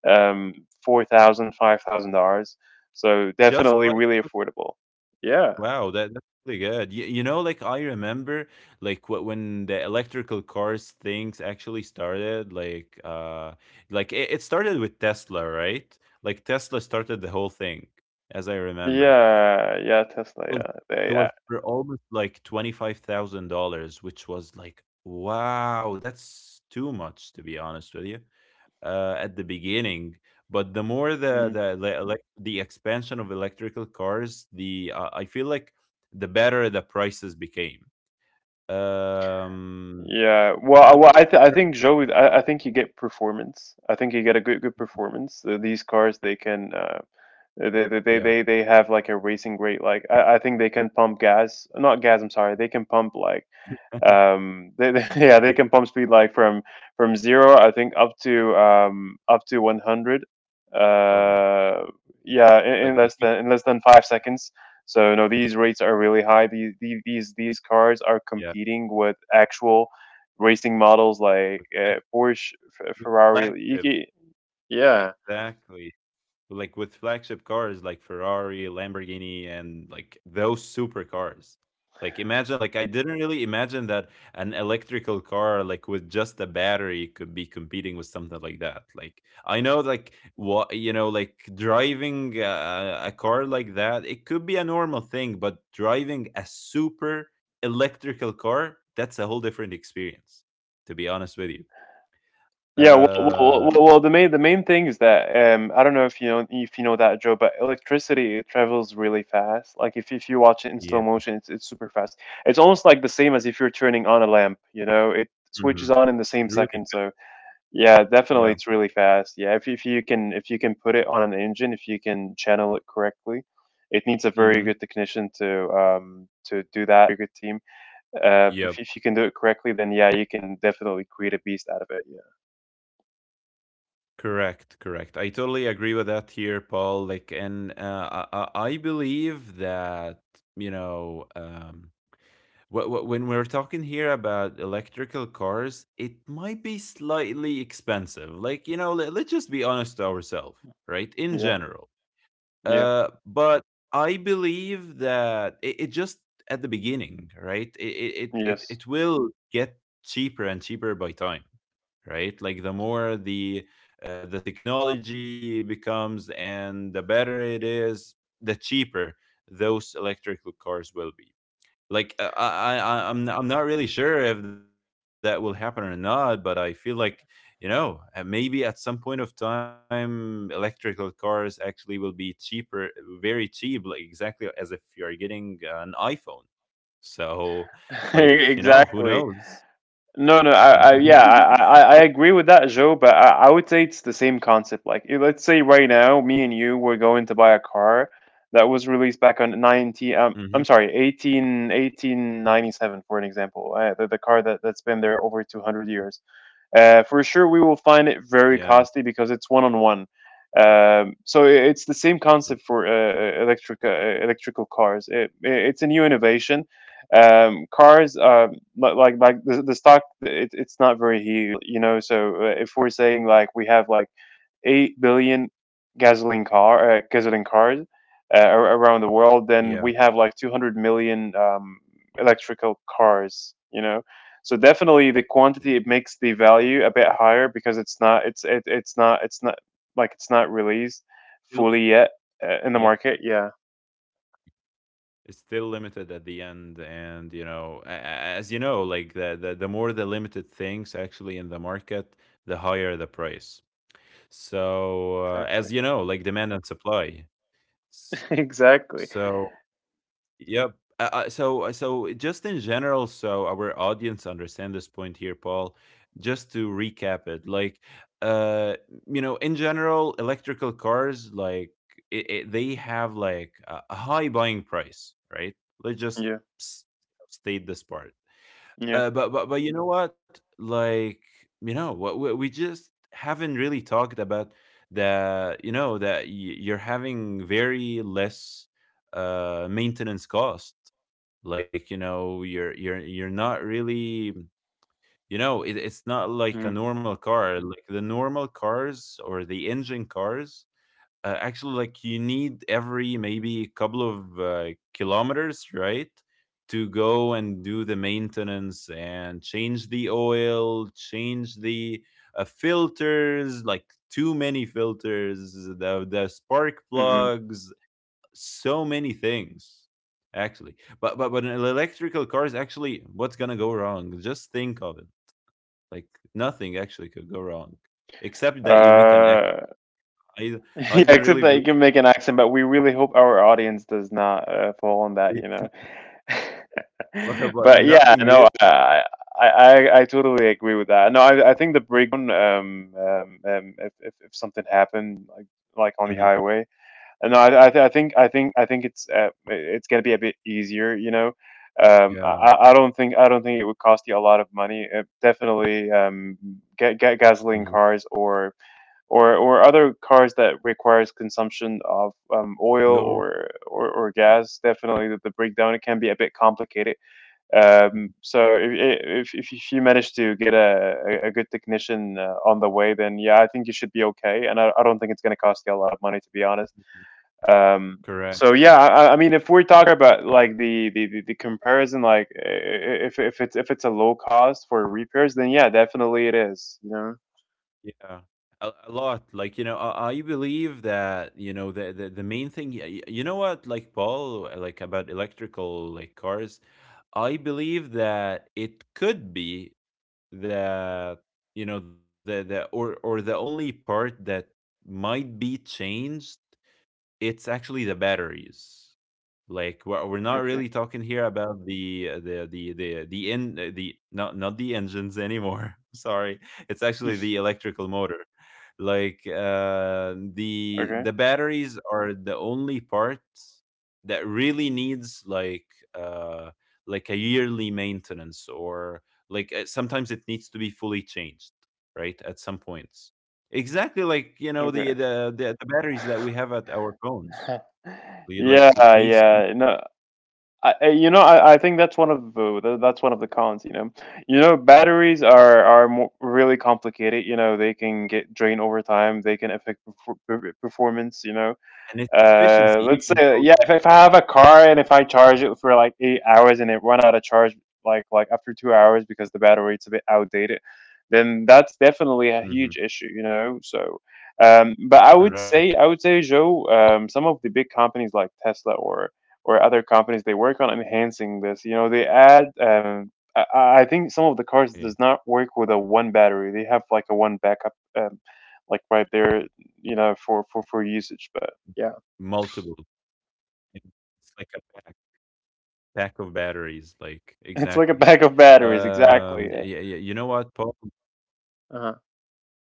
[SPEAKER 2] um 4,000, $5,000. So
[SPEAKER 1] Just
[SPEAKER 2] definitely
[SPEAKER 1] five?
[SPEAKER 2] really affordable. Yeah.
[SPEAKER 1] Wow, that's really good. You know, like I remember, when the electrical cars things actually started, like it started with Tesla, right? Like Tesla started the whole thing, as I remember.
[SPEAKER 2] Yeah, yeah, Tesla,
[SPEAKER 1] It was
[SPEAKER 2] yeah. They,
[SPEAKER 1] it was for almost like $25,000, which was like, wow, that's too much, to be honest with you, at the beginning. But the more
[SPEAKER 2] yeah.
[SPEAKER 1] the expansion of electrical cars, the I feel like the better the prices became. Um,
[SPEAKER 2] Yeah,
[SPEAKER 1] but
[SPEAKER 2] well, I think Joey, I think you get performance. I think you get a good good performance. These cars, they can,
[SPEAKER 1] yeah,
[SPEAKER 2] they have like a racing rate. Like I think they can pump gas, not gas. I'm sorry, they can pump like yeah
[SPEAKER 1] oh,
[SPEAKER 2] they
[SPEAKER 1] yes.
[SPEAKER 2] can pump speed like from zero I think up to up to 100,
[SPEAKER 1] Oh my god,
[SPEAKER 2] uh yeah
[SPEAKER 1] like in
[SPEAKER 2] in less
[SPEAKER 1] 2000,
[SPEAKER 2] than 5 seconds. So no, these rates are really high. These cars are
[SPEAKER 1] yeah,
[SPEAKER 2] competing with actual racing models
[SPEAKER 1] with,
[SPEAKER 2] like
[SPEAKER 1] act-
[SPEAKER 2] Porsche,
[SPEAKER 1] with
[SPEAKER 2] Ferrari. Like,
[SPEAKER 1] flagship,
[SPEAKER 2] yeah.
[SPEAKER 1] exactly. Like with flagship cars like Ferrari, Lamborghini, and like those supercars. Like imagine, like I didn't really imagine that an electrical car, like with just a battery, could be competing with something like that. Like I know, like what you know, like driving a car like that, it could be a normal thing, but driving a super electrical car, that's a whole different experience. To be honest with you,
[SPEAKER 2] Yeah,
[SPEAKER 1] uh,
[SPEAKER 2] well, the main thing is that I don't know if you know that Joe, but electricity it travels really fast. Like if you watch it in slow
[SPEAKER 1] yeah,
[SPEAKER 2] motion, it's super fast. It's almost like the same as if you're turning on a lamp. You know, it switches on
[SPEAKER 1] mhm,
[SPEAKER 2] in the same second.
[SPEAKER 1] really,
[SPEAKER 2] So yeah, definitely, it's
[SPEAKER 1] yeah.
[SPEAKER 2] really fast. Yeah, if you can put it on an engine, if you can channel it correctly, it needs a very good
[SPEAKER 1] Mhm.
[SPEAKER 2] technician to do that. Very good team. If you can do
[SPEAKER 1] Yep.
[SPEAKER 2] it correctly, then yeah, you can definitely create a beast out of it. Yeah,
[SPEAKER 1] Correct, correct. I totally agree with that here, Paul. Like, and I believe that, you know, when we're talking here about electrical cars, it might be slightly expensive. Like, you know, let's just be honest to ourselves, right? In
[SPEAKER 2] yeah.
[SPEAKER 1] general.
[SPEAKER 2] Yeah.
[SPEAKER 1] But I believe that it just at the beginning, right? It, it it it
[SPEAKER 2] Yes,
[SPEAKER 1] it will get cheaper and cheaper by time, right? Like the more the technology becomes and the better it is, the cheaper those electrical cars will be. Like I'm not really sure if that will happen or not, but I feel like, you know, maybe at some point of time electrical cars actually will be cheaper, very cheap, like exactly as if you are getting an iPhone. So, like, you know, who
[SPEAKER 2] exactly.
[SPEAKER 1] knows?
[SPEAKER 2] No, no,
[SPEAKER 1] You
[SPEAKER 2] I yeah,
[SPEAKER 1] know?
[SPEAKER 2] I
[SPEAKER 1] Who—
[SPEAKER 2] agree with that, Joe. But I would say it's the same concept. Like, eh, let's say right now, me and you were going to buy a car that was released back on 19.
[SPEAKER 1] mhm.
[SPEAKER 2] I'm sorry, 18, 1897, for an example. The car that that's been there over 200 years. For sure, we will find it
[SPEAKER 1] Yeah,
[SPEAKER 2] very costly because it's one on one. So it's the same concept for electric electrical cars. It's a new innovation. Cars, like the stock, it, it's not very huge, you know. So if we're saying like we have like 8 billion gasoline cars ar- around the world,
[SPEAKER 1] yeah.
[SPEAKER 2] then we have like 200 million electrical cars, you know. So definitely the quantity it makes the value a bit higher because it's not released
[SPEAKER 1] Feel—
[SPEAKER 2] fully yet in the market. Yeah,
[SPEAKER 1] it's still limited at the end, and you know, as you know, like, the more the limited things actually in the market, the higher the price. So as
[SPEAKER 2] exactly,
[SPEAKER 1] you know, like, demand and supply. S—
[SPEAKER 2] exactly.
[SPEAKER 1] so yep. So just in general, so our audience understand this point here, Paul. Just to recap it, like uh, you know, in general, electrical cars, like they have like a high buying price, right? Let's just
[SPEAKER 2] Yeah,
[SPEAKER 1] s— state this part. Uh,
[SPEAKER 2] yeah.
[SPEAKER 1] but but but you know what? Like, you know, what we just haven't really talked about that. You know that you're having very less maintenance cost. Like, you know, you're you're not really. You know, it, it's not like a
[SPEAKER 2] Mm-hmm.
[SPEAKER 1] normal car. Like the normal cars or the engine cars, actually, like, you need every maybe couple of kilometers, right, to go and do the maintenance and change the oil, change the filters, like too many filters, the spark
[SPEAKER 2] Mm-hmm.
[SPEAKER 1] plugs, so many things actually. But an electrical car is actually what's gonna go wrong? Just think of it. Like, nothing actually could go wrong, except that you make an
[SPEAKER 2] Uh,
[SPEAKER 1] accident. I
[SPEAKER 2] yeah,
[SPEAKER 1] I don't
[SPEAKER 2] except
[SPEAKER 1] really
[SPEAKER 2] that you
[SPEAKER 1] believe.
[SPEAKER 2] can make an accent, but we really hope our audience does not fall on that, you know.
[SPEAKER 1] But
[SPEAKER 2] But yeah,
[SPEAKER 1] nothing
[SPEAKER 2] no,
[SPEAKER 1] real.
[SPEAKER 2] I totally agree with that. No, I think the breakdown, if something happened like on the
[SPEAKER 1] Mhm.
[SPEAKER 2] highway, and no, I, th- I think I think I think it's gonna be a bit easier, you know.
[SPEAKER 1] Yeah,
[SPEAKER 2] I don't think it would cost you a lot of money. Definitely, get gasoline
[SPEAKER 1] mhm.
[SPEAKER 2] cars or other cars that requires consumption of oil
[SPEAKER 1] No r—
[SPEAKER 2] or, or gas. Definitely, the breakdown it can be a bit complicated.
[SPEAKER 1] mhm,
[SPEAKER 2] So if you manage to get a good technician on the way, then yeah, I think you should be okay. And I don't think it's going to cost you a lot of money, to be honest.
[SPEAKER 1] mhm.
[SPEAKER 2] Um,
[SPEAKER 1] Correct,
[SPEAKER 2] so yeah, I mean, if we're talking about like the comparison, like if it's a low cost for repairs, then yeah, definitely it is. You know.
[SPEAKER 1] yeah. A lot, like, you know, I believe that, you know, the main thing, y y you know what, like, Paul, like, about electrical, like, cars, I believe that it could be that, you know, the or the only part that might be changed, it's actually the batteries. Like, we're not really
[SPEAKER 2] Okay.
[SPEAKER 1] talking here about the not not the engines anymore. Sorry, it's actually the electrical motor. Like
[SPEAKER 2] Okay.
[SPEAKER 1] the batteries are the only part that really needs uh, like a yearly maintenance, or like sometimes it needs to be fully changed, right? At some points, exactly like, you know,
[SPEAKER 2] Okay.
[SPEAKER 1] the batteries that we have at our phones. We, like,
[SPEAKER 2] Yeah,
[SPEAKER 1] it needs—
[SPEAKER 2] yeah. No, I— you know, I think that's one of that's one of the cons. You know, batteries are mo really complicated. You know, they can get drained over time. They can affect performance. You know,
[SPEAKER 1] and its efficiency
[SPEAKER 2] let's say
[SPEAKER 1] even
[SPEAKER 2] yeah,
[SPEAKER 1] goes—
[SPEAKER 2] if I have a car and if I charge it for like 8 hours and it run out of charge like after 2 hours because the battery's a bit outdated, then that's definitely a huge
[SPEAKER 1] mhm,
[SPEAKER 2] issue, you know. So, but I would say
[SPEAKER 1] correct,
[SPEAKER 2] I would say Joe, some of the big companies like Tesla or other companies they work on enhancing this. You know, they add. I think some of the cars
[SPEAKER 1] yeah,
[SPEAKER 2] does not work with a one battery. They have like a one backup, like right there, you know, for
[SPEAKER 1] multiple,
[SPEAKER 2] usage. But yeah.
[SPEAKER 1] yeah, it's like a pack— pack of batteries, like exactly.
[SPEAKER 2] It's like a pack of batteries,
[SPEAKER 1] Y— you know
[SPEAKER 2] exactly.
[SPEAKER 1] what,
[SPEAKER 2] Yeah.
[SPEAKER 1] Paul?
[SPEAKER 2] Uh-huh.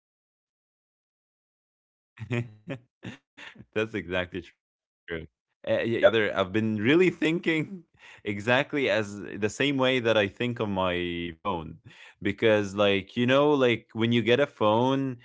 [SPEAKER 1] That's exactly true. You know what, Paul? Like, and that's why while we were talking together, I've been really thinking exactly as the same way that I think on my phone. Because, like, you know, like, when you get a phone,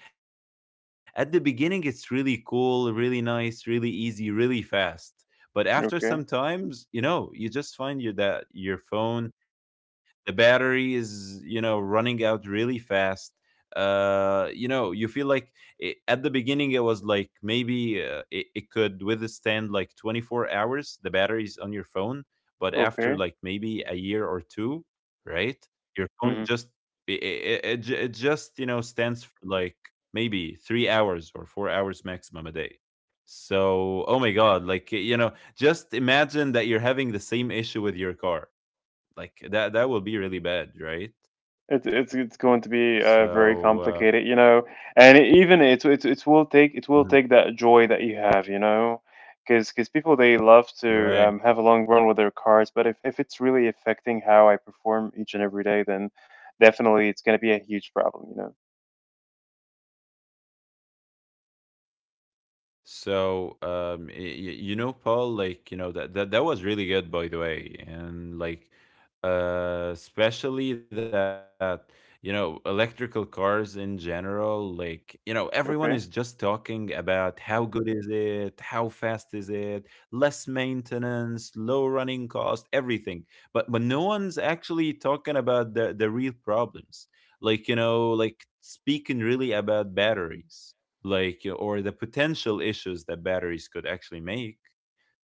[SPEAKER 1] at the beginning, it's really cool, really nice, really easy, really fast. But after
[SPEAKER 2] Okay.
[SPEAKER 1] some times, you know, you just find your that your phone, the battery is, you know, running out really fast. You know, you feel like at the beginning it was like maybe it could withstand like 24 hours, the batteries on your phone, but after
[SPEAKER 2] Okay.
[SPEAKER 1] like maybe a year or two, right, your phone
[SPEAKER 2] hmm
[SPEAKER 1] just— it just, you know, stands for like maybe 3 hours or 4 hours maximum a day. So, oh my god, like, you know, just imagine that you're having the same issue with your car. Like, that that will be really bad, right?
[SPEAKER 2] it's going to be very
[SPEAKER 1] So
[SPEAKER 2] complicated, you know. And it, even it's it will take that
[SPEAKER 1] mhm.
[SPEAKER 2] joy that you have, you know, because people they love to have a
[SPEAKER 1] Right.
[SPEAKER 2] long run with their cars, but if it's really affecting how I perform each and every day, then definitely it's going to be a huge problem, you know.
[SPEAKER 1] Mhm. I see. Oh, I see. So, you know, Paul, like, you know, that was really good, by the way, and like, especially that, you know, electrical cars in general, like, you know, everyone
[SPEAKER 2] Okay.
[SPEAKER 1] is just talking about how good is it, how fast is it, less maintenance, low running cost, everything. But no one's actually talking about the real problems, like, you know, like speaking really about batteries, like, you know, or the potential issues that batteries could actually make.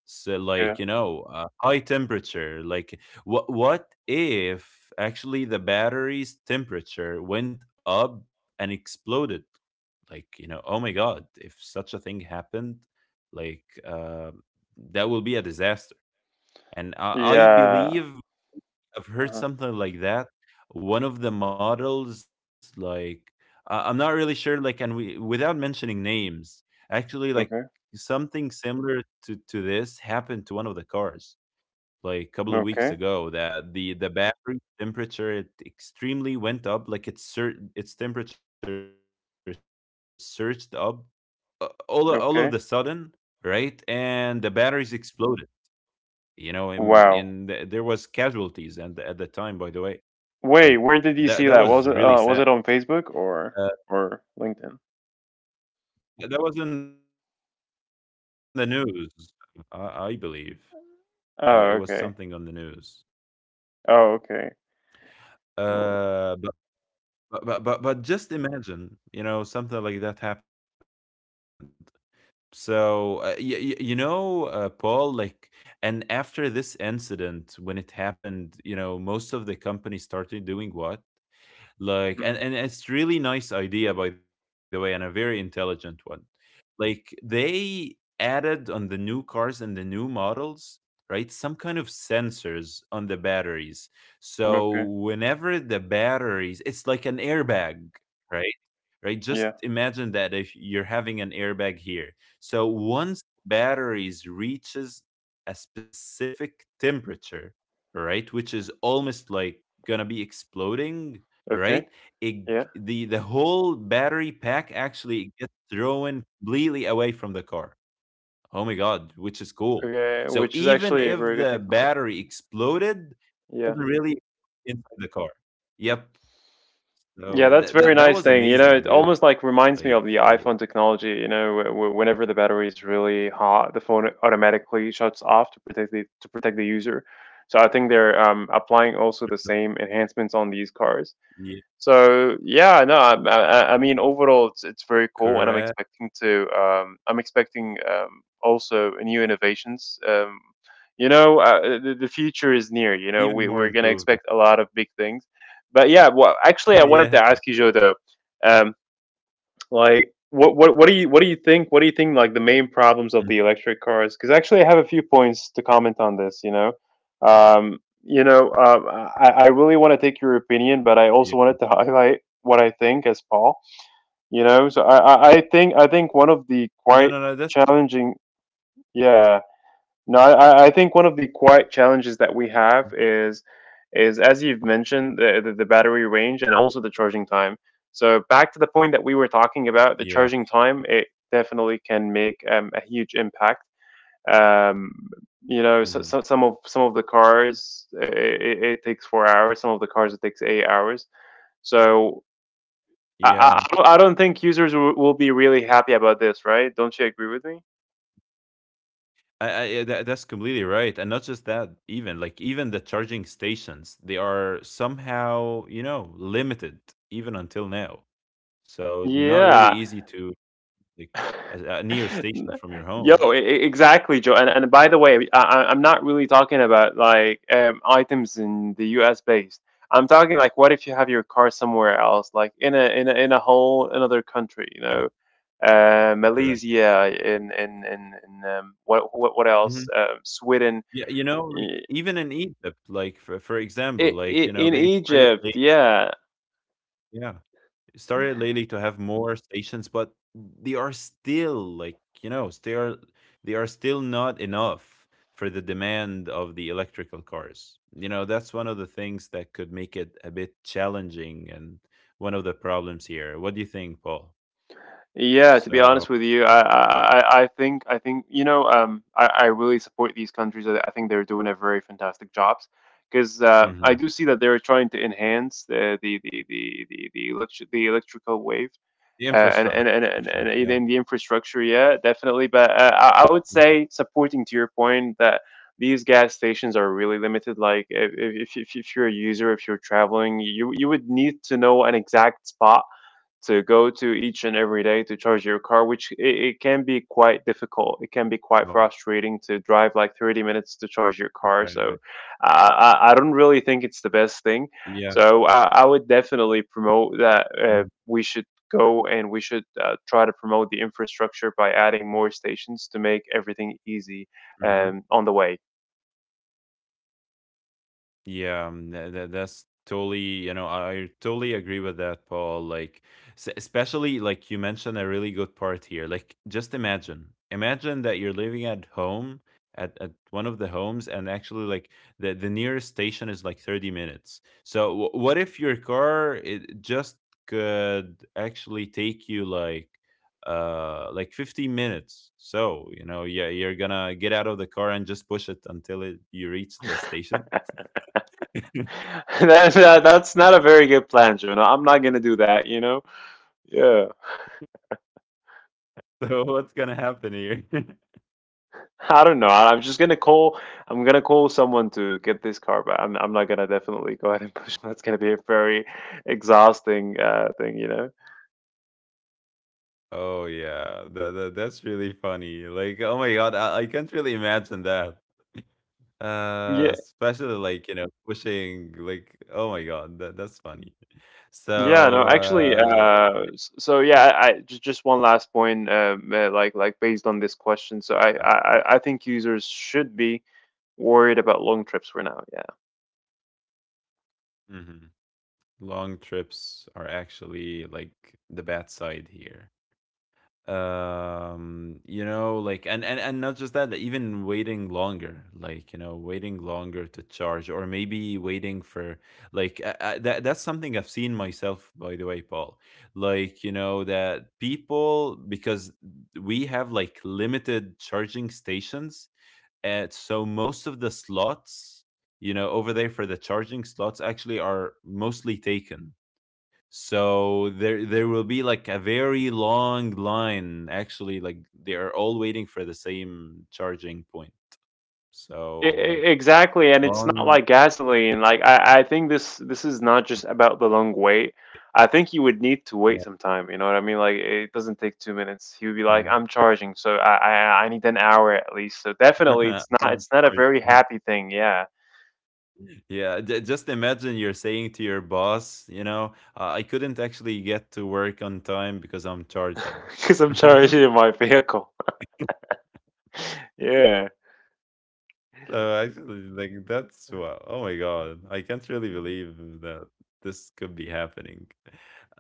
[SPEAKER 1] So, like,
[SPEAKER 2] Yeah.
[SPEAKER 1] you know, high temperature, like, what if actually the battery's temperature went up and exploded? Like, you know, oh my god, if such a thing happened, like uh, that will be a disaster. And I
[SPEAKER 2] Yeah.
[SPEAKER 1] believe I've heard
[SPEAKER 2] Uh-huh.
[SPEAKER 1] something like that. One of the models, like I'm not really sure, like, and we without mentioning names, actually, like
[SPEAKER 2] Okay.
[SPEAKER 1] something similar to this happened to one of the cars like a couple of weeks
[SPEAKER 2] Okay.
[SPEAKER 1] ago. That the battery temperature, it extremely went up, like its temperature surged up, all of the sudden, right?
[SPEAKER 2] Okay.
[SPEAKER 1] And the batteries exploded. You know, and there was
[SPEAKER 2] Wow.
[SPEAKER 1] casualties, and at the time, by the way, like,
[SPEAKER 2] Wait,
[SPEAKER 1] that that
[SPEAKER 2] where did you
[SPEAKER 1] was
[SPEAKER 2] see
[SPEAKER 1] really
[SPEAKER 2] that?
[SPEAKER 1] sad.
[SPEAKER 2] Was it on Facebook
[SPEAKER 1] Uh,
[SPEAKER 2] or LinkedIn?
[SPEAKER 1] that was in the news, I believe. It was something on the news. But
[SPEAKER 2] Oh,
[SPEAKER 1] I don't
[SPEAKER 2] okay.
[SPEAKER 1] really remember, like,
[SPEAKER 2] Oh,
[SPEAKER 1] the,
[SPEAKER 2] okay.
[SPEAKER 1] wh which—
[SPEAKER 2] Well,
[SPEAKER 1] uh, but but just imagine, you know, something like that happened. So, y y you know, Paul, like, and after this incident, when it happened, you know, most of the companies started doing what? Like,
[SPEAKER 2] mm,
[SPEAKER 1] and it's really nice idea, by the way, and a very intelligent one. Like, they added on the new cars and the new models, right, some kind of sensors on the batteries. So
[SPEAKER 2] okay.
[SPEAKER 1] whenever the batteries, it's like an airbag, right, right, just
[SPEAKER 2] Yeah.
[SPEAKER 1] imagine that if you're having an airbag here. So once batteries reaches a specific temperature, right, which is almost like gonna be exploding,
[SPEAKER 2] Okay.
[SPEAKER 1] right, it,
[SPEAKER 2] Yeah.
[SPEAKER 1] the whole battery pack actually gets thrown completely away from the car. Oh my god, which is cool.
[SPEAKER 2] Okay.
[SPEAKER 1] So
[SPEAKER 2] Which is
[SPEAKER 1] even
[SPEAKER 2] actually a
[SPEAKER 1] if
[SPEAKER 2] very good
[SPEAKER 1] the
[SPEAKER 2] technology.
[SPEAKER 1] battery exploded, it
[SPEAKER 2] Yeah.
[SPEAKER 1] doesn't really inside the car. Yep.
[SPEAKER 2] Yeah,
[SPEAKER 1] So
[SPEAKER 2] that's very
[SPEAKER 1] that
[SPEAKER 2] nice
[SPEAKER 1] was
[SPEAKER 2] thing. You know,
[SPEAKER 1] amazing,
[SPEAKER 2] it
[SPEAKER 1] really.
[SPEAKER 2] almost like reminds
[SPEAKER 1] Like
[SPEAKER 2] me of the
[SPEAKER 1] w—
[SPEAKER 2] iPhone technology. You know, whenever the battery is really hot, the phone automatically shuts off to protect the user. So I think they're applying also the same enhancements on these cars.
[SPEAKER 1] yeah,
[SPEAKER 2] So yeah, no, I mean overall it's very cool, and I'm
[SPEAKER 1] correct.
[SPEAKER 2] expecting to I'm expecting also new innovations. You know, the future is near. You know,
[SPEAKER 1] Even
[SPEAKER 2] we
[SPEAKER 1] more
[SPEAKER 2] we're gonna
[SPEAKER 1] improvement.
[SPEAKER 2] expect a lot of big things. But yeah, well, actually, I wanted
[SPEAKER 1] yeah.
[SPEAKER 2] to ask you, Joe, though. Um, like, what do you think? What do you think like the main problems of
[SPEAKER 1] Mm,
[SPEAKER 2] the electric cars? Because actually, I have a few points to comment on this. You know, um, I really want to take your opinion, but I also
[SPEAKER 1] yeah.
[SPEAKER 2] wanted to highlight what I think as Paul. You know, so I think one of the
[SPEAKER 1] No, no,
[SPEAKER 2] quite
[SPEAKER 1] no. That's fine.
[SPEAKER 2] challenging, yeah. No, I think one of the quite challenges that we have is as you've mentioned the battery range and also the charging time. So back to the point that we were talking about, the
[SPEAKER 1] Yeah.
[SPEAKER 2] charging time it definitely can make a huge impact. Um, you know, so,
[SPEAKER 1] Hmm.
[SPEAKER 2] so some of the cars it takes 4 hours, some of the cars it takes 8 hours. So I,
[SPEAKER 1] Yeah.
[SPEAKER 2] I, I don't think users will be really happy about this, right? Don't you agree with me?
[SPEAKER 1] I, yeah, that, that's completely right, and not just that. Even like, even the charging stations, they are somehow, you know, limited even until now. So, not really
[SPEAKER 2] Yeah,
[SPEAKER 1] easy to, like, a near station from your
[SPEAKER 2] Yo,
[SPEAKER 1] home.
[SPEAKER 2] exactly, Joe. And by the way, I'm not really talking about like items in the U.S. based. I'm talking like, what if you have your car somewhere else, like in a in a whole another country, you
[SPEAKER 1] Correct,
[SPEAKER 2] know,
[SPEAKER 1] correct, correct.
[SPEAKER 2] Malaysia, in what else,
[SPEAKER 1] Hmm.
[SPEAKER 2] Sweden,
[SPEAKER 1] Yeah, you know, like
[SPEAKER 2] i-
[SPEAKER 1] even in Egypt, like for example, like,
[SPEAKER 2] i-
[SPEAKER 1] you know,
[SPEAKER 2] in
[SPEAKER 1] they started
[SPEAKER 2] Egypt,
[SPEAKER 1] like,
[SPEAKER 2] yeah.
[SPEAKER 1] yeah, started lately to have more stations, but they are still, like, you know, they are still not enough for the demand of the electrical cars. You know, that's one of the things that could make it a bit challenging, and one of the problems here. What do you think, Paul?
[SPEAKER 2] Yeah, to be
[SPEAKER 1] So
[SPEAKER 2] honest with you, I think you know I really support these countries. I think they're doing a very fantastic jobs because I
[SPEAKER 1] mhm.
[SPEAKER 2] do see that they're trying to enhance the electrical wave
[SPEAKER 1] The
[SPEAKER 2] and,
[SPEAKER 1] infrastructure, yeah,
[SPEAKER 2] in the infrastructure. Yeah,
[SPEAKER 1] mhm.
[SPEAKER 2] definitely. But I would say supporting to your point that these gas stations are really limited. Like if you're a user, if you're traveling, you would need to know an exact spot to go to each and every day to charge your car, which it can be quite
[SPEAKER 1] Oh,
[SPEAKER 2] difficult. It can be quite frustrating to drive like 30 minutes to
[SPEAKER 1] right.
[SPEAKER 2] charge your car. So I don't really think it's the best
[SPEAKER 1] Yeah.
[SPEAKER 2] thing. So I would definitely promote
[SPEAKER 1] Hmm.
[SPEAKER 2] that we should go and we should try to promote the infrastructure by adding more stations to make everything easy on the way.
[SPEAKER 1] Yeah, that's totally, you know, I totally agree with that, Paul. Like, s especially like you mentioned a really good part here. Like, just imagine that you're living at home at one of the homes, and actually, like, the nearest station is like 30 minutes. So, w what if your car it just could actually take you like 15 minutes so you know yeah you're gonna get out of the car and just push it until it you reach the station.
[SPEAKER 2] That's not a very good plan, Jonah. I'm not going to do that, you know? Yeah.
[SPEAKER 1] So what's gonna happen here?
[SPEAKER 2] I don't know. I'm just gonna call. I'm gonna call someone to get this car back. I'm. I'm not gonna definitely go ahead and push. That's gonna be a very exhausting thing, you know.
[SPEAKER 1] Oh yeah, that's really funny. Like, oh my god, I can't really imagine that.
[SPEAKER 2] Yeah.
[SPEAKER 1] Especially like you know pushing like oh my god, that's funny.
[SPEAKER 2] Yeah. No.
[SPEAKER 1] So
[SPEAKER 2] Actually. So yeah. I just one last point. Like based on this
[SPEAKER 1] yeah.
[SPEAKER 2] question. So I think users should be worried about long trips for now. Yeah.
[SPEAKER 1] Hmm. Long trips are actually like the bad side here. You know like and not just that like, even waiting longer like you know waiting longer to charge or maybe waiting for like that that's something I've seen myself by the way, Paul. Like you know that people, because we have like limited charging stations, and so most of the slots, you know, over there for the charging slots actually are mostly taken. So there will be like a very long line, actually, like they are all waiting for the same charging point.
[SPEAKER 2] E-
[SPEAKER 1] So
[SPEAKER 2] e-
[SPEAKER 1] like
[SPEAKER 2] Exactly, and it's not
[SPEAKER 1] long,
[SPEAKER 2] like gasoline. Like I think this is not just about the long wait.
[SPEAKER 1] eh,
[SPEAKER 2] I think you would need to
[SPEAKER 1] yeah.
[SPEAKER 2] wait some time. You know what I mean? Like it doesn't take 2 minutes. He would be like,
[SPEAKER 1] Mhm.
[SPEAKER 2] "I'm charging, so I need an hour at least." So definitely,
[SPEAKER 1] I'm
[SPEAKER 2] it's not a very
[SPEAKER 1] charging.
[SPEAKER 2] happy thing. Yeah,
[SPEAKER 1] Yeah, just imagine you're saying to your boss, you know, I couldn't actually get to work on time because I'm charging.
[SPEAKER 2] because I'm charging in my vehicle. yeah,
[SPEAKER 1] So actually, like that's what. Oh my god, I can't really believe that this could be happening.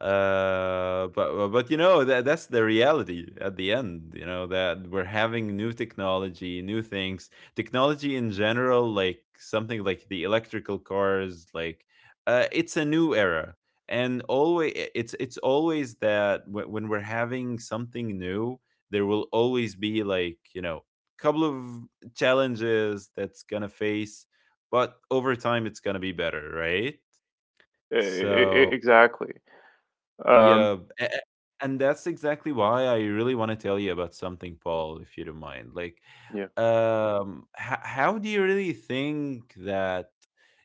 [SPEAKER 1] But you know that that's the reality at the end. You know that we're having new technology, new things, technology in general, like something like the electrical cars. Like, it's a new era, and always it's always that when we're having something new, there will always be like you know couple of challenges that's gonna face, but over time it's gonna be better, right?
[SPEAKER 2] e- e-
[SPEAKER 1] So
[SPEAKER 2] e- exactly. Um,
[SPEAKER 1] yeah, and that's exactly why I really want to tell you about something, Paul, if you don't mind. Like,
[SPEAKER 2] yeah.
[SPEAKER 1] h- how do you really think that?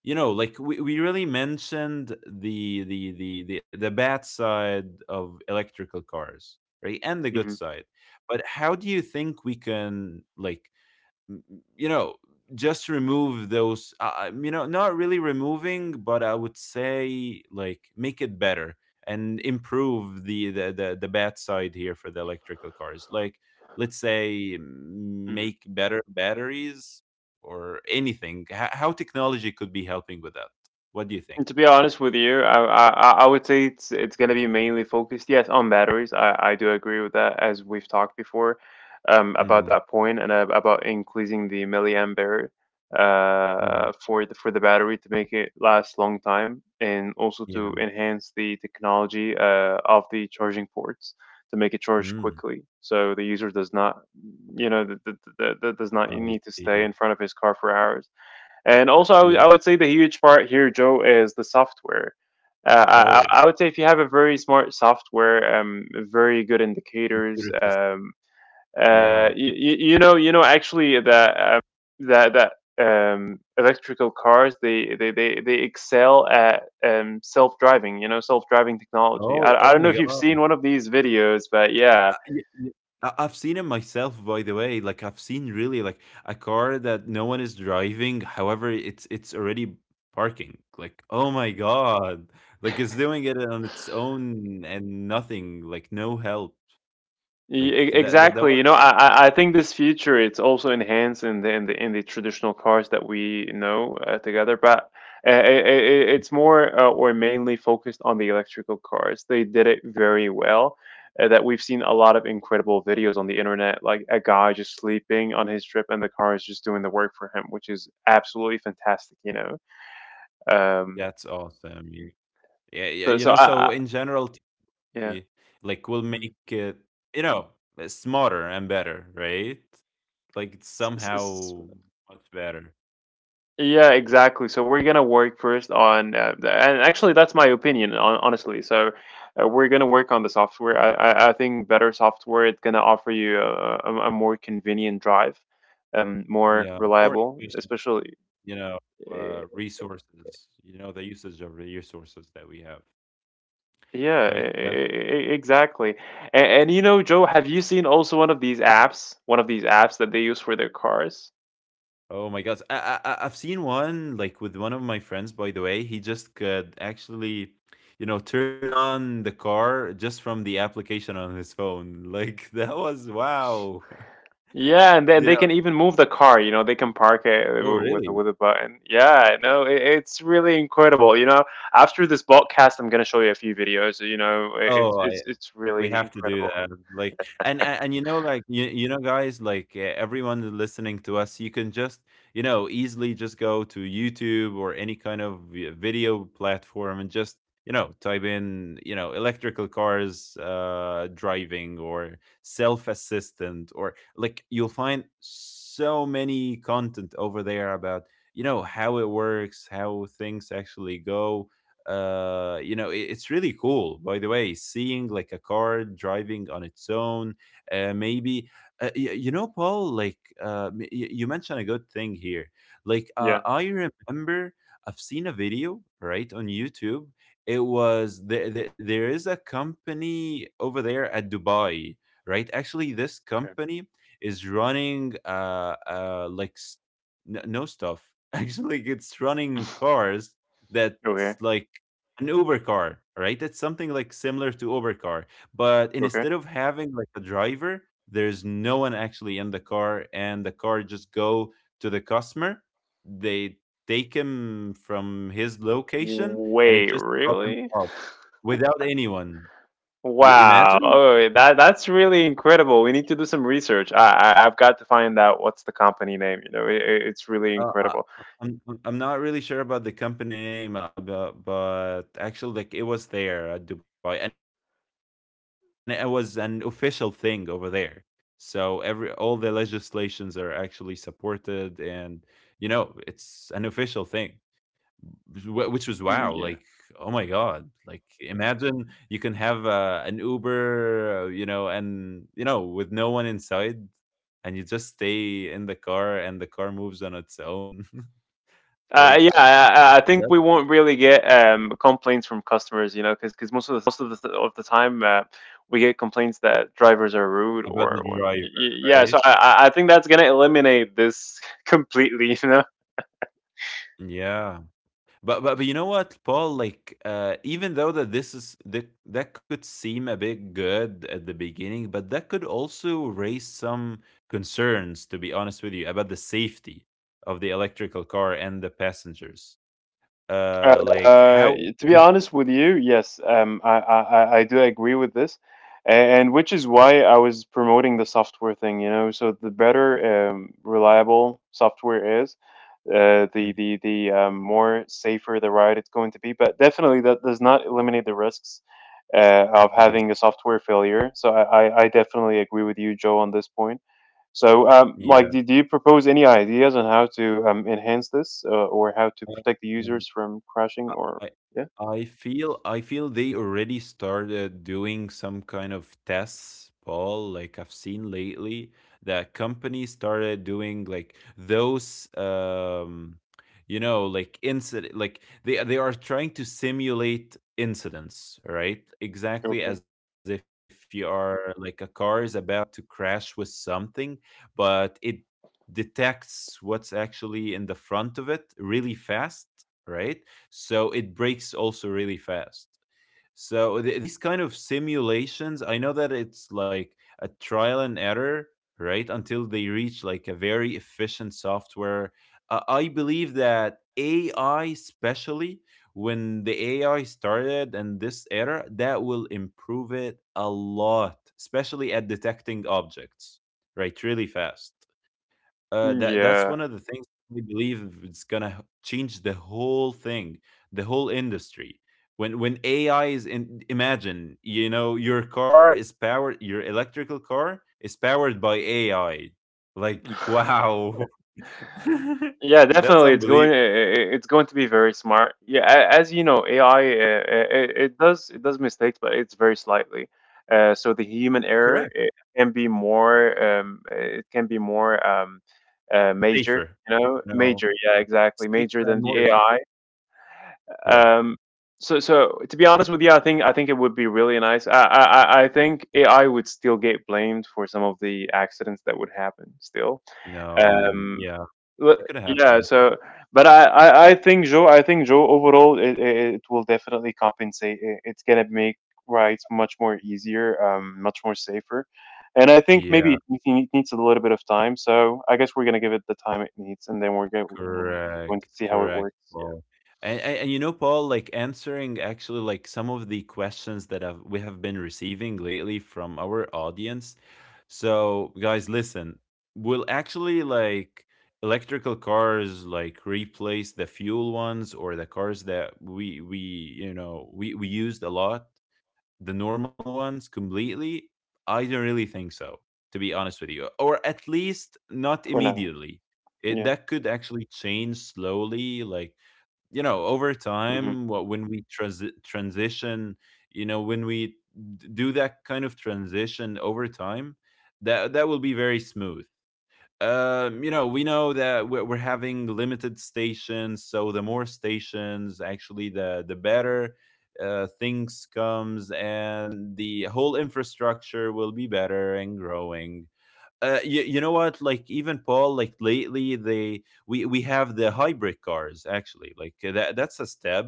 [SPEAKER 1] You know, like we really mentioned the, the the bad side of electrical cars, right, and the good
[SPEAKER 2] hmm
[SPEAKER 1] side. But how do you think we can like you know just remove those you know, not really removing, but I would say like make it better and improve the bad side here for the electrical cars, like let's say make better batteries or anything. How technology could be helping with that, what do you think?
[SPEAKER 2] And to be honest with you, I would say it's gonna be mainly focused, yes, on batteries. I do agree with that, as we've talked before, about
[SPEAKER 1] Mm.
[SPEAKER 2] that point and about increasing the milliampere
[SPEAKER 1] Mm,
[SPEAKER 2] for the battery to make it last long time and also
[SPEAKER 1] yeah.
[SPEAKER 2] to enhance the technology of the charging ports to make it charge
[SPEAKER 1] Mm,
[SPEAKER 2] quickly so the user does not you know th th th th does not
[SPEAKER 1] I
[SPEAKER 2] need to stay in
[SPEAKER 1] see.
[SPEAKER 2] front of his car for hours and
[SPEAKER 1] Uh,
[SPEAKER 2] also,
[SPEAKER 1] yeah.
[SPEAKER 2] I would say the huge part here, Joe, is the software. Uh, I,
[SPEAKER 1] Oh,
[SPEAKER 2] I I would say if you have a very smart software, very good
[SPEAKER 1] computer
[SPEAKER 2] indicators,
[SPEAKER 1] system. Yeah.
[SPEAKER 2] you know, actually that that that electrical cars they excel at self driving. You know, self driving technology.
[SPEAKER 1] Oh,
[SPEAKER 2] I
[SPEAKER 1] oh
[SPEAKER 2] don't know
[SPEAKER 1] my
[SPEAKER 2] if you've seen
[SPEAKER 1] god.
[SPEAKER 2] one of these videos, but yeah,
[SPEAKER 1] Y y I I've seen it myself, by the way. Like I've seen really like a car that no one is driving. However, it's already parking. Like, oh my God. Like it's doing it on its own and nothing, like no help.
[SPEAKER 2] E-
[SPEAKER 1] Like
[SPEAKER 2] e-
[SPEAKER 1] that was.
[SPEAKER 2] Exactly. You know, I think this feature it's also enhanced in the in the traditional cars that we know together, but it's more or mainly focused on the electrical cars. They did it very well. That we've seen a lot of incredible videos on the internet, like a guy just sleeping on his trip and the car is just doing the work for him, which is absolutely fantastic. You know.
[SPEAKER 1] That's
[SPEAKER 2] Um.
[SPEAKER 1] awesome. You. Yeah, yeah, you know,
[SPEAKER 2] So
[SPEAKER 1] so
[SPEAKER 2] so
[SPEAKER 1] in
[SPEAKER 2] I
[SPEAKER 1] general, TCP,
[SPEAKER 2] yeah.
[SPEAKER 1] like will make
[SPEAKER 2] Mm.
[SPEAKER 1] it, you know, smarter and better, right? Like it's
[SPEAKER 2] S- s- s-
[SPEAKER 1] somehow much better.
[SPEAKER 2] Yeah, exactly. So we're gonna work first on, and actually, that's my opinion, on, honestly. So we're gonna work on the software. I think better software it's gonna offer you a more convenient drive, more
[SPEAKER 1] Yeah, more
[SPEAKER 2] reliable,
[SPEAKER 1] efficient.
[SPEAKER 2] especially.
[SPEAKER 1] You know,
[SPEAKER 2] eh,
[SPEAKER 1] resources, you know, the usage of resources that we have,
[SPEAKER 2] Yeah,
[SPEAKER 1] right?
[SPEAKER 2] e-
[SPEAKER 1] Yeah.
[SPEAKER 2] e- e, exactly. And you know, Joe, have you seen also one of these apps, one of these apps that they use for their cars?
[SPEAKER 1] Oh my gosh, I've seen one like with one of my friends. By the way, he just could actually, you know, turn on the car just from the application on his phone. Like, that was wow.
[SPEAKER 2] Yeah, and then they
[SPEAKER 1] You
[SPEAKER 2] can
[SPEAKER 1] know?
[SPEAKER 2] even move the car. You know, they can park it
[SPEAKER 1] Oh
[SPEAKER 2] with
[SPEAKER 1] really?
[SPEAKER 2] a button. Yeah, no, it's really incredible. You know, after this podcast, I'm gonna show you a few videos. You know,
[SPEAKER 1] Oh, I.
[SPEAKER 2] it's
[SPEAKER 1] We
[SPEAKER 2] really
[SPEAKER 1] have to do
[SPEAKER 2] incredible.
[SPEAKER 1] that, like, and you know, like, you know, guys, like, everyone that's listening to us, you can just, you know, easily just go to YouTube or any kind of vi video platform and just, you know, type in, you know, electrical cars, driving or self-assistant, or like, you'll find so many content over there about, you know, how it works, how things actually go. You know it, it's really cool by the way seeing like a car driving on its own. uh maybe you know, Paul, like you mentioned a good thing here. Like
[SPEAKER 2] Yeah.
[SPEAKER 1] I remember I've seen a video, right, on YouTube. It was there is a company over there at Dubai, right? Actually this
[SPEAKER 2] Okay.
[SPEAKER 1] company is running like no stuff actually, it's running cars that's
[SPEAKER 2] Okay.
[SPEAKER 1] like an Uber car, right? It's something like similar to Uber car, but
[SPEAKER 2] Okay.
[SPEAKER 1] instead of having like a driver, there's no one actually in the car, and the car just go to the customer. They take him from his location, and it
[SPEAKER 2] Wait,
[SPEAKER 1] just drops him
[SPEAKER 2] really?
[SPEAKER 1] off without anyone.
[SPEAKER 2] Wow.
[SPEAKER 1] Imagine.
[SPEAKER 2] Oh, that's really incredible. We need to do some research. I've got to find out what's the company name. You know, it's really
[SPEAKER 1] Uh, uh,
[SPEAKER 2] incredible.
[SPEAKER 1] I'm not really sure about the company name, but actually, like it was there at Dubai, and it was an official thing over there. So every all the legislations are actually supported, and you know it's an official thing, which was wow. Like oh my
[SPEAKER 2] Mm, yeah.
[SPEAKER 1] god, like imagine you can have an Uber, you know, and you know with no one inside, and you just stay in the car, and the car moves on its own. Like,
[SPEAKER 2] Yeah,
[SPEAKER 1] that's
[SPEAKER 2] I think we won't really get complaints from customers, you know, because most of the time we get complaints that drivers are
[SPEAKER 1] about
[SPEAKER 2] rude
[SPEAKER 1] the
[SPEAKER 2] or
[SPEAKER 1] driver, right?
[SPEAKER 2] yeah. So I I think that's gonna eliminate this completely, you know.
[SPEAKER 1] Yeah. But you know what, Paul? Like, even though that this is that that could seem a bit good at the beginning, but that could also raise some concerns, to be honest with you, about the safety of the electrical car and the passengers.
[SPEAKER 2] Uh,
[SPEAKER 1] Like
[SPEAKER 2] uh,
[SPEAKER 1] how
[SPEAKER 2] to be
[SPEAKER 1] efficient.
[SPEAKER 2] honest with you, yes, I, I do agree with this, and which is why I was promoting the software thing. You know, so the better reliable software is, the more safer the ride it's going to be. But definitely, that does not eliminate the risks of
[SPEAKER 1] I.
[SPEAKER 2] having a software failure. So I definitely agree with you, Joe, on this point. So,
[SPEAKER 1] Yeah.
[SPEAKER 2] Mike, do you propose any ideas on how to enhance this or how to
[SPEAKER 1] Uh,
[SPEAKER 2] protect the
[SPEAKER 1] um,
[SPEAKER 2] users from crashing
[SPEAKER 1] I
[SPEAKER 2] or
[SPEAKER 1] I
[SPEAKER 2] yeah?
[SPEAKER 1] I feel I feel they already started doing some kind of tests, Paul. Like I've seen lately that companies started doing like those you know like incident, like they are trying to simulate incidents, right? Exactly
[SPEAKER 2] Okay.
[SPEAKER 1] as if you are like a car is about to crash with something, but it detects what's actually in the front of it really fast, right? So it breaks also really fast. So these kind of simulations I know that it's like a trial and error, right, until they reach like a very efficient software. I believe that AI especially when the AI started and this era, that will improve it a lot, especially at detecting objects, right, really fast. That that's
[SPEAKER 2] Yeah.
[SPEAKER 1] one of the things we believe it's gonna change the whole thing, the whole industry. When AI is in, imagine, you know, your car is powered, your electrical car is powered by AI. Like, wow,
[SPEAKER 2] Yeah,
[SPEAKER 1] that's
[SPEAKER 2] definitely. It's going.
[SPEAKER 1] unbelievable.
[SPEAKER 2] It's going to be very smart. Yeah, as you know, AI it, it does mistakes, but it's very slightly. So the human
[SPEAKER 1] Correct,
[SPEAKER 2] error it can be more. It can be more
[SPEAKER 1] safer,
[SPEAKER 2] major. You
[SPEAKER 1] you
[SPEAKER 2] know,
[SPEAKER 1] know,
[SPEAKER 2] major. Yeah, exactly. Major
[SPEAKER 1] safer and
[SPEAKER 2] than
[SPEAKER 1] more.
[SPEAKER 2] the
[SPEAKER 1] Efficient.
[SPEAKER 2] AI.
[SPEAKER 1] Yeah,
[SPEAKER 2] Um, so so to be honest with you, I think it would be really nice. I think AI would still get blamed for some of the accidents that would happen still.
[SPEAKER 1] no, and
[SPEAKER 2] Um,
[SPEAKER 1] yeah, that could
[SPEAKER 2] yeah.
[SPEAKER 1] happen.
[SPEAKER 2] So, but I think Joe overall it will definitely compensate. It's gonna make rides much more easier, much more safer. And I think maybe
[SPEAKER 1] Yeah.
[SPEAKER 2] it needs a little bit of time. So I guess we're gonna give it the time it needs, and then we're going to
[SPEAKER 1] Correct,
[SPEAKER 2] see how it
[SPEAKER 1] correct,
[SPEAKER 2] works. Yeah,
[SPEAKER 1] Paul. And you know, Paul, like answering actually like some of the questions that have, we have been receiving lately from our audience. So, guys, listen, will actually like electrical cars like replace the fuel ones or the cars that we you know we used a lot? The normal ones completely? I don't really think so, to be honest with you, or at least not
[SPEAKER 2] for now.
[SPEAKER 1] immediately. It,
[SPEAKER 2] Yeah.
[SPEAKER 1] that could actually change slowly, like you know, over
[SPEAKER 2] hmm
[SPEAKER 1] time. What when we transition, you know, when we do that kind of transition over time, that that will be very smooth. You know, we know that we're having limited stations, so the more stations, actually, the better things comes, and the whole infrastructure will be better and growing. You, you know what? Like even, Paul, like lately, they we have the hybrid cars actually. Like that that's a step,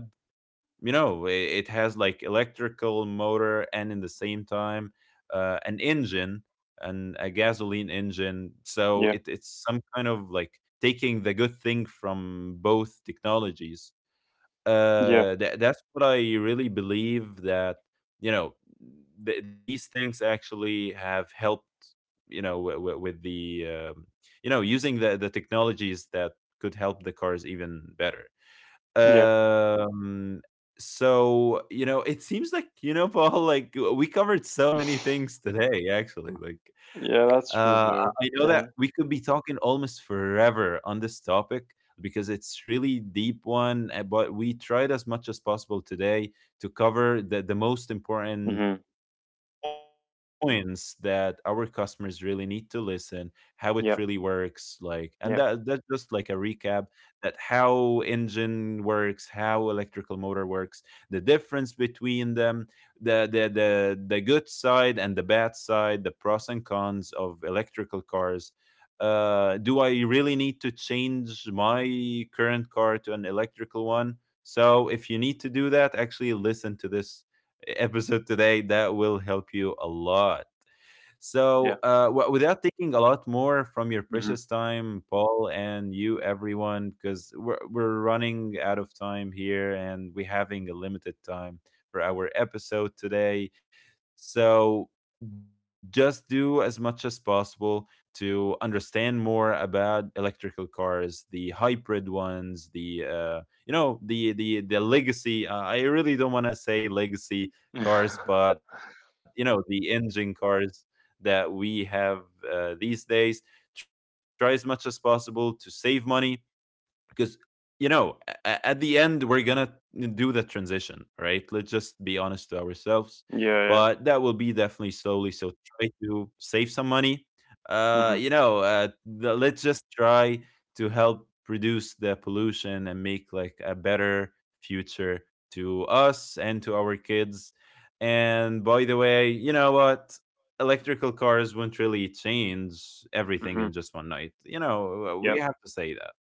[SPEAKER 1] you know it, it has like electrical motor and in the same time an engine and a gasoline engine, so
[SPEAKER 2] Yeah.
[SPEAKER 1] it, it's some kind of like taking the good thing from both technologies.
[SPEAKER 2] Yeah.
[SPEAKER 1] That's what I really believe that, you know, these things actually have helped, you know, with the you know using the technologies that could help the cars even better.
[SPEAKER 2] Yeah.
[SPEAKER 1] um, so, you know, it seems like, you know, Paul, like we covered so many things today, actually. Like,
[SPEAKER 2] Yeah, that's true
[SPEAKER 1] I
[SPEAKER 2] though.
[SPEAKER 1] know that
[SPEAKER 2] Yeah.
[SPEAKER 1] we could be talking almost forever on this topic because it's really deep one. But we tried as much as possible today to cover the most important
[SPEAKER 2] Mhm.
[SPEAKER 1] points that our customers really need to listen how it
[SPEAKER 2] Yeah,
[SPEAKER 1] really works like,
[SPEAKER 2] yeah,
[SPEAKER 1] and that that's just like a recap, that how engine works, how electrical motor works, the difference between them, the good side and the bad side, the pros and cons of electrical cars. Do I really need to change my current car to an electrical one? So if you need to do that, actually listen to this episode today, that will help you a lot. So,
[SPEAKER 2] yeah.
[SPEAKER 1] without taking a lot more from your
[SPEAKER 2] Mhm.
[SPEAKER 1] precious time, Paul, and you, everyone, because we're running out of time here and we're having a limited time for our episode today. So, just do as much as possible to understand more about electrical cars, the hybrid ones, the you know the legacy. I really don't want to say
[SPEAKER 2] yeah.
[SPEAKER 1] legacy cars, but you know the engine cars that we have these days. Try as much as possible to save money, because you know at the end we're gonna do the transition, right? Let's just be honest to ourselves,
[SPEAKER 2] Yeah.
[SPEAKER 1] but that will be definitely slowly, so try to save some money.
[SPEAKER 2] Mhm.
[SPEAKER 1] You know let's just try to help reduce the pollution and make like a better future to us and to our kids. And by the way, you know what, electrical cars won't really change
[SPEAKER 2] Mhm.
[SPEAKER 1] everything in just one night, you know,
[SPEAKER 2] Yep.
[SPEAKER 1] we have to say that,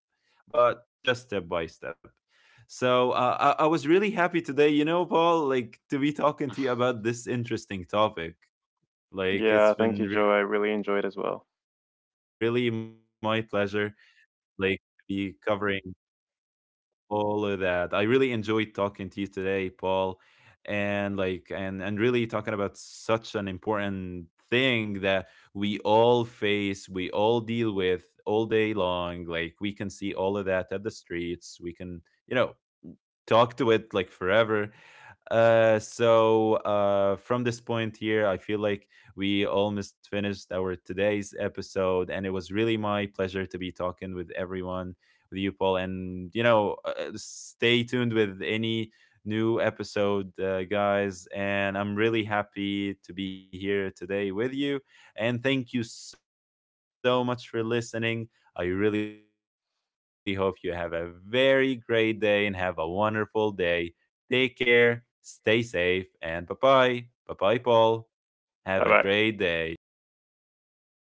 [SPEAKER 1] but just step by step. So I was really happy today, you know, Paul, like to be talking to you about this interesting topic. Like
[SPEAKER 2] Yeah.
[SPEAKER 1] it's
[SPEAKER 2] Thank you,
[SPEAKER 1] been
[SPEAKER 2] Joe. I
[SPEAKER 1] really
[SPEAKER 2] really
[SPEAKER 1] my
[SPEAKER 2] enjoyed as
[SPEAKER 1] pleasure,
[SPEAKER 2] well.
[SPEAKER 1] like to be covering all of that. I really enjoyed talking to you today, Paul, and like and really talking about such an important thing that we all face, we all deal with all day long. Like we can see all of that at the streets. We can, you know, talk to it like forever. So from this point here, I feel like we almost finished our today's episode, and it was really my pleasure to be talking with everyone, with you, Paul. And, you know, stay tuned with any new episode, guys. And I'm really happy to be here today with you. And thank you so much for listening. I really hope you have a very great day and have a wonderful day. Take care, stay safe, and bye bye. Bye bye, Paul. Have a great day.
[SPEAKER 2] Bye bye.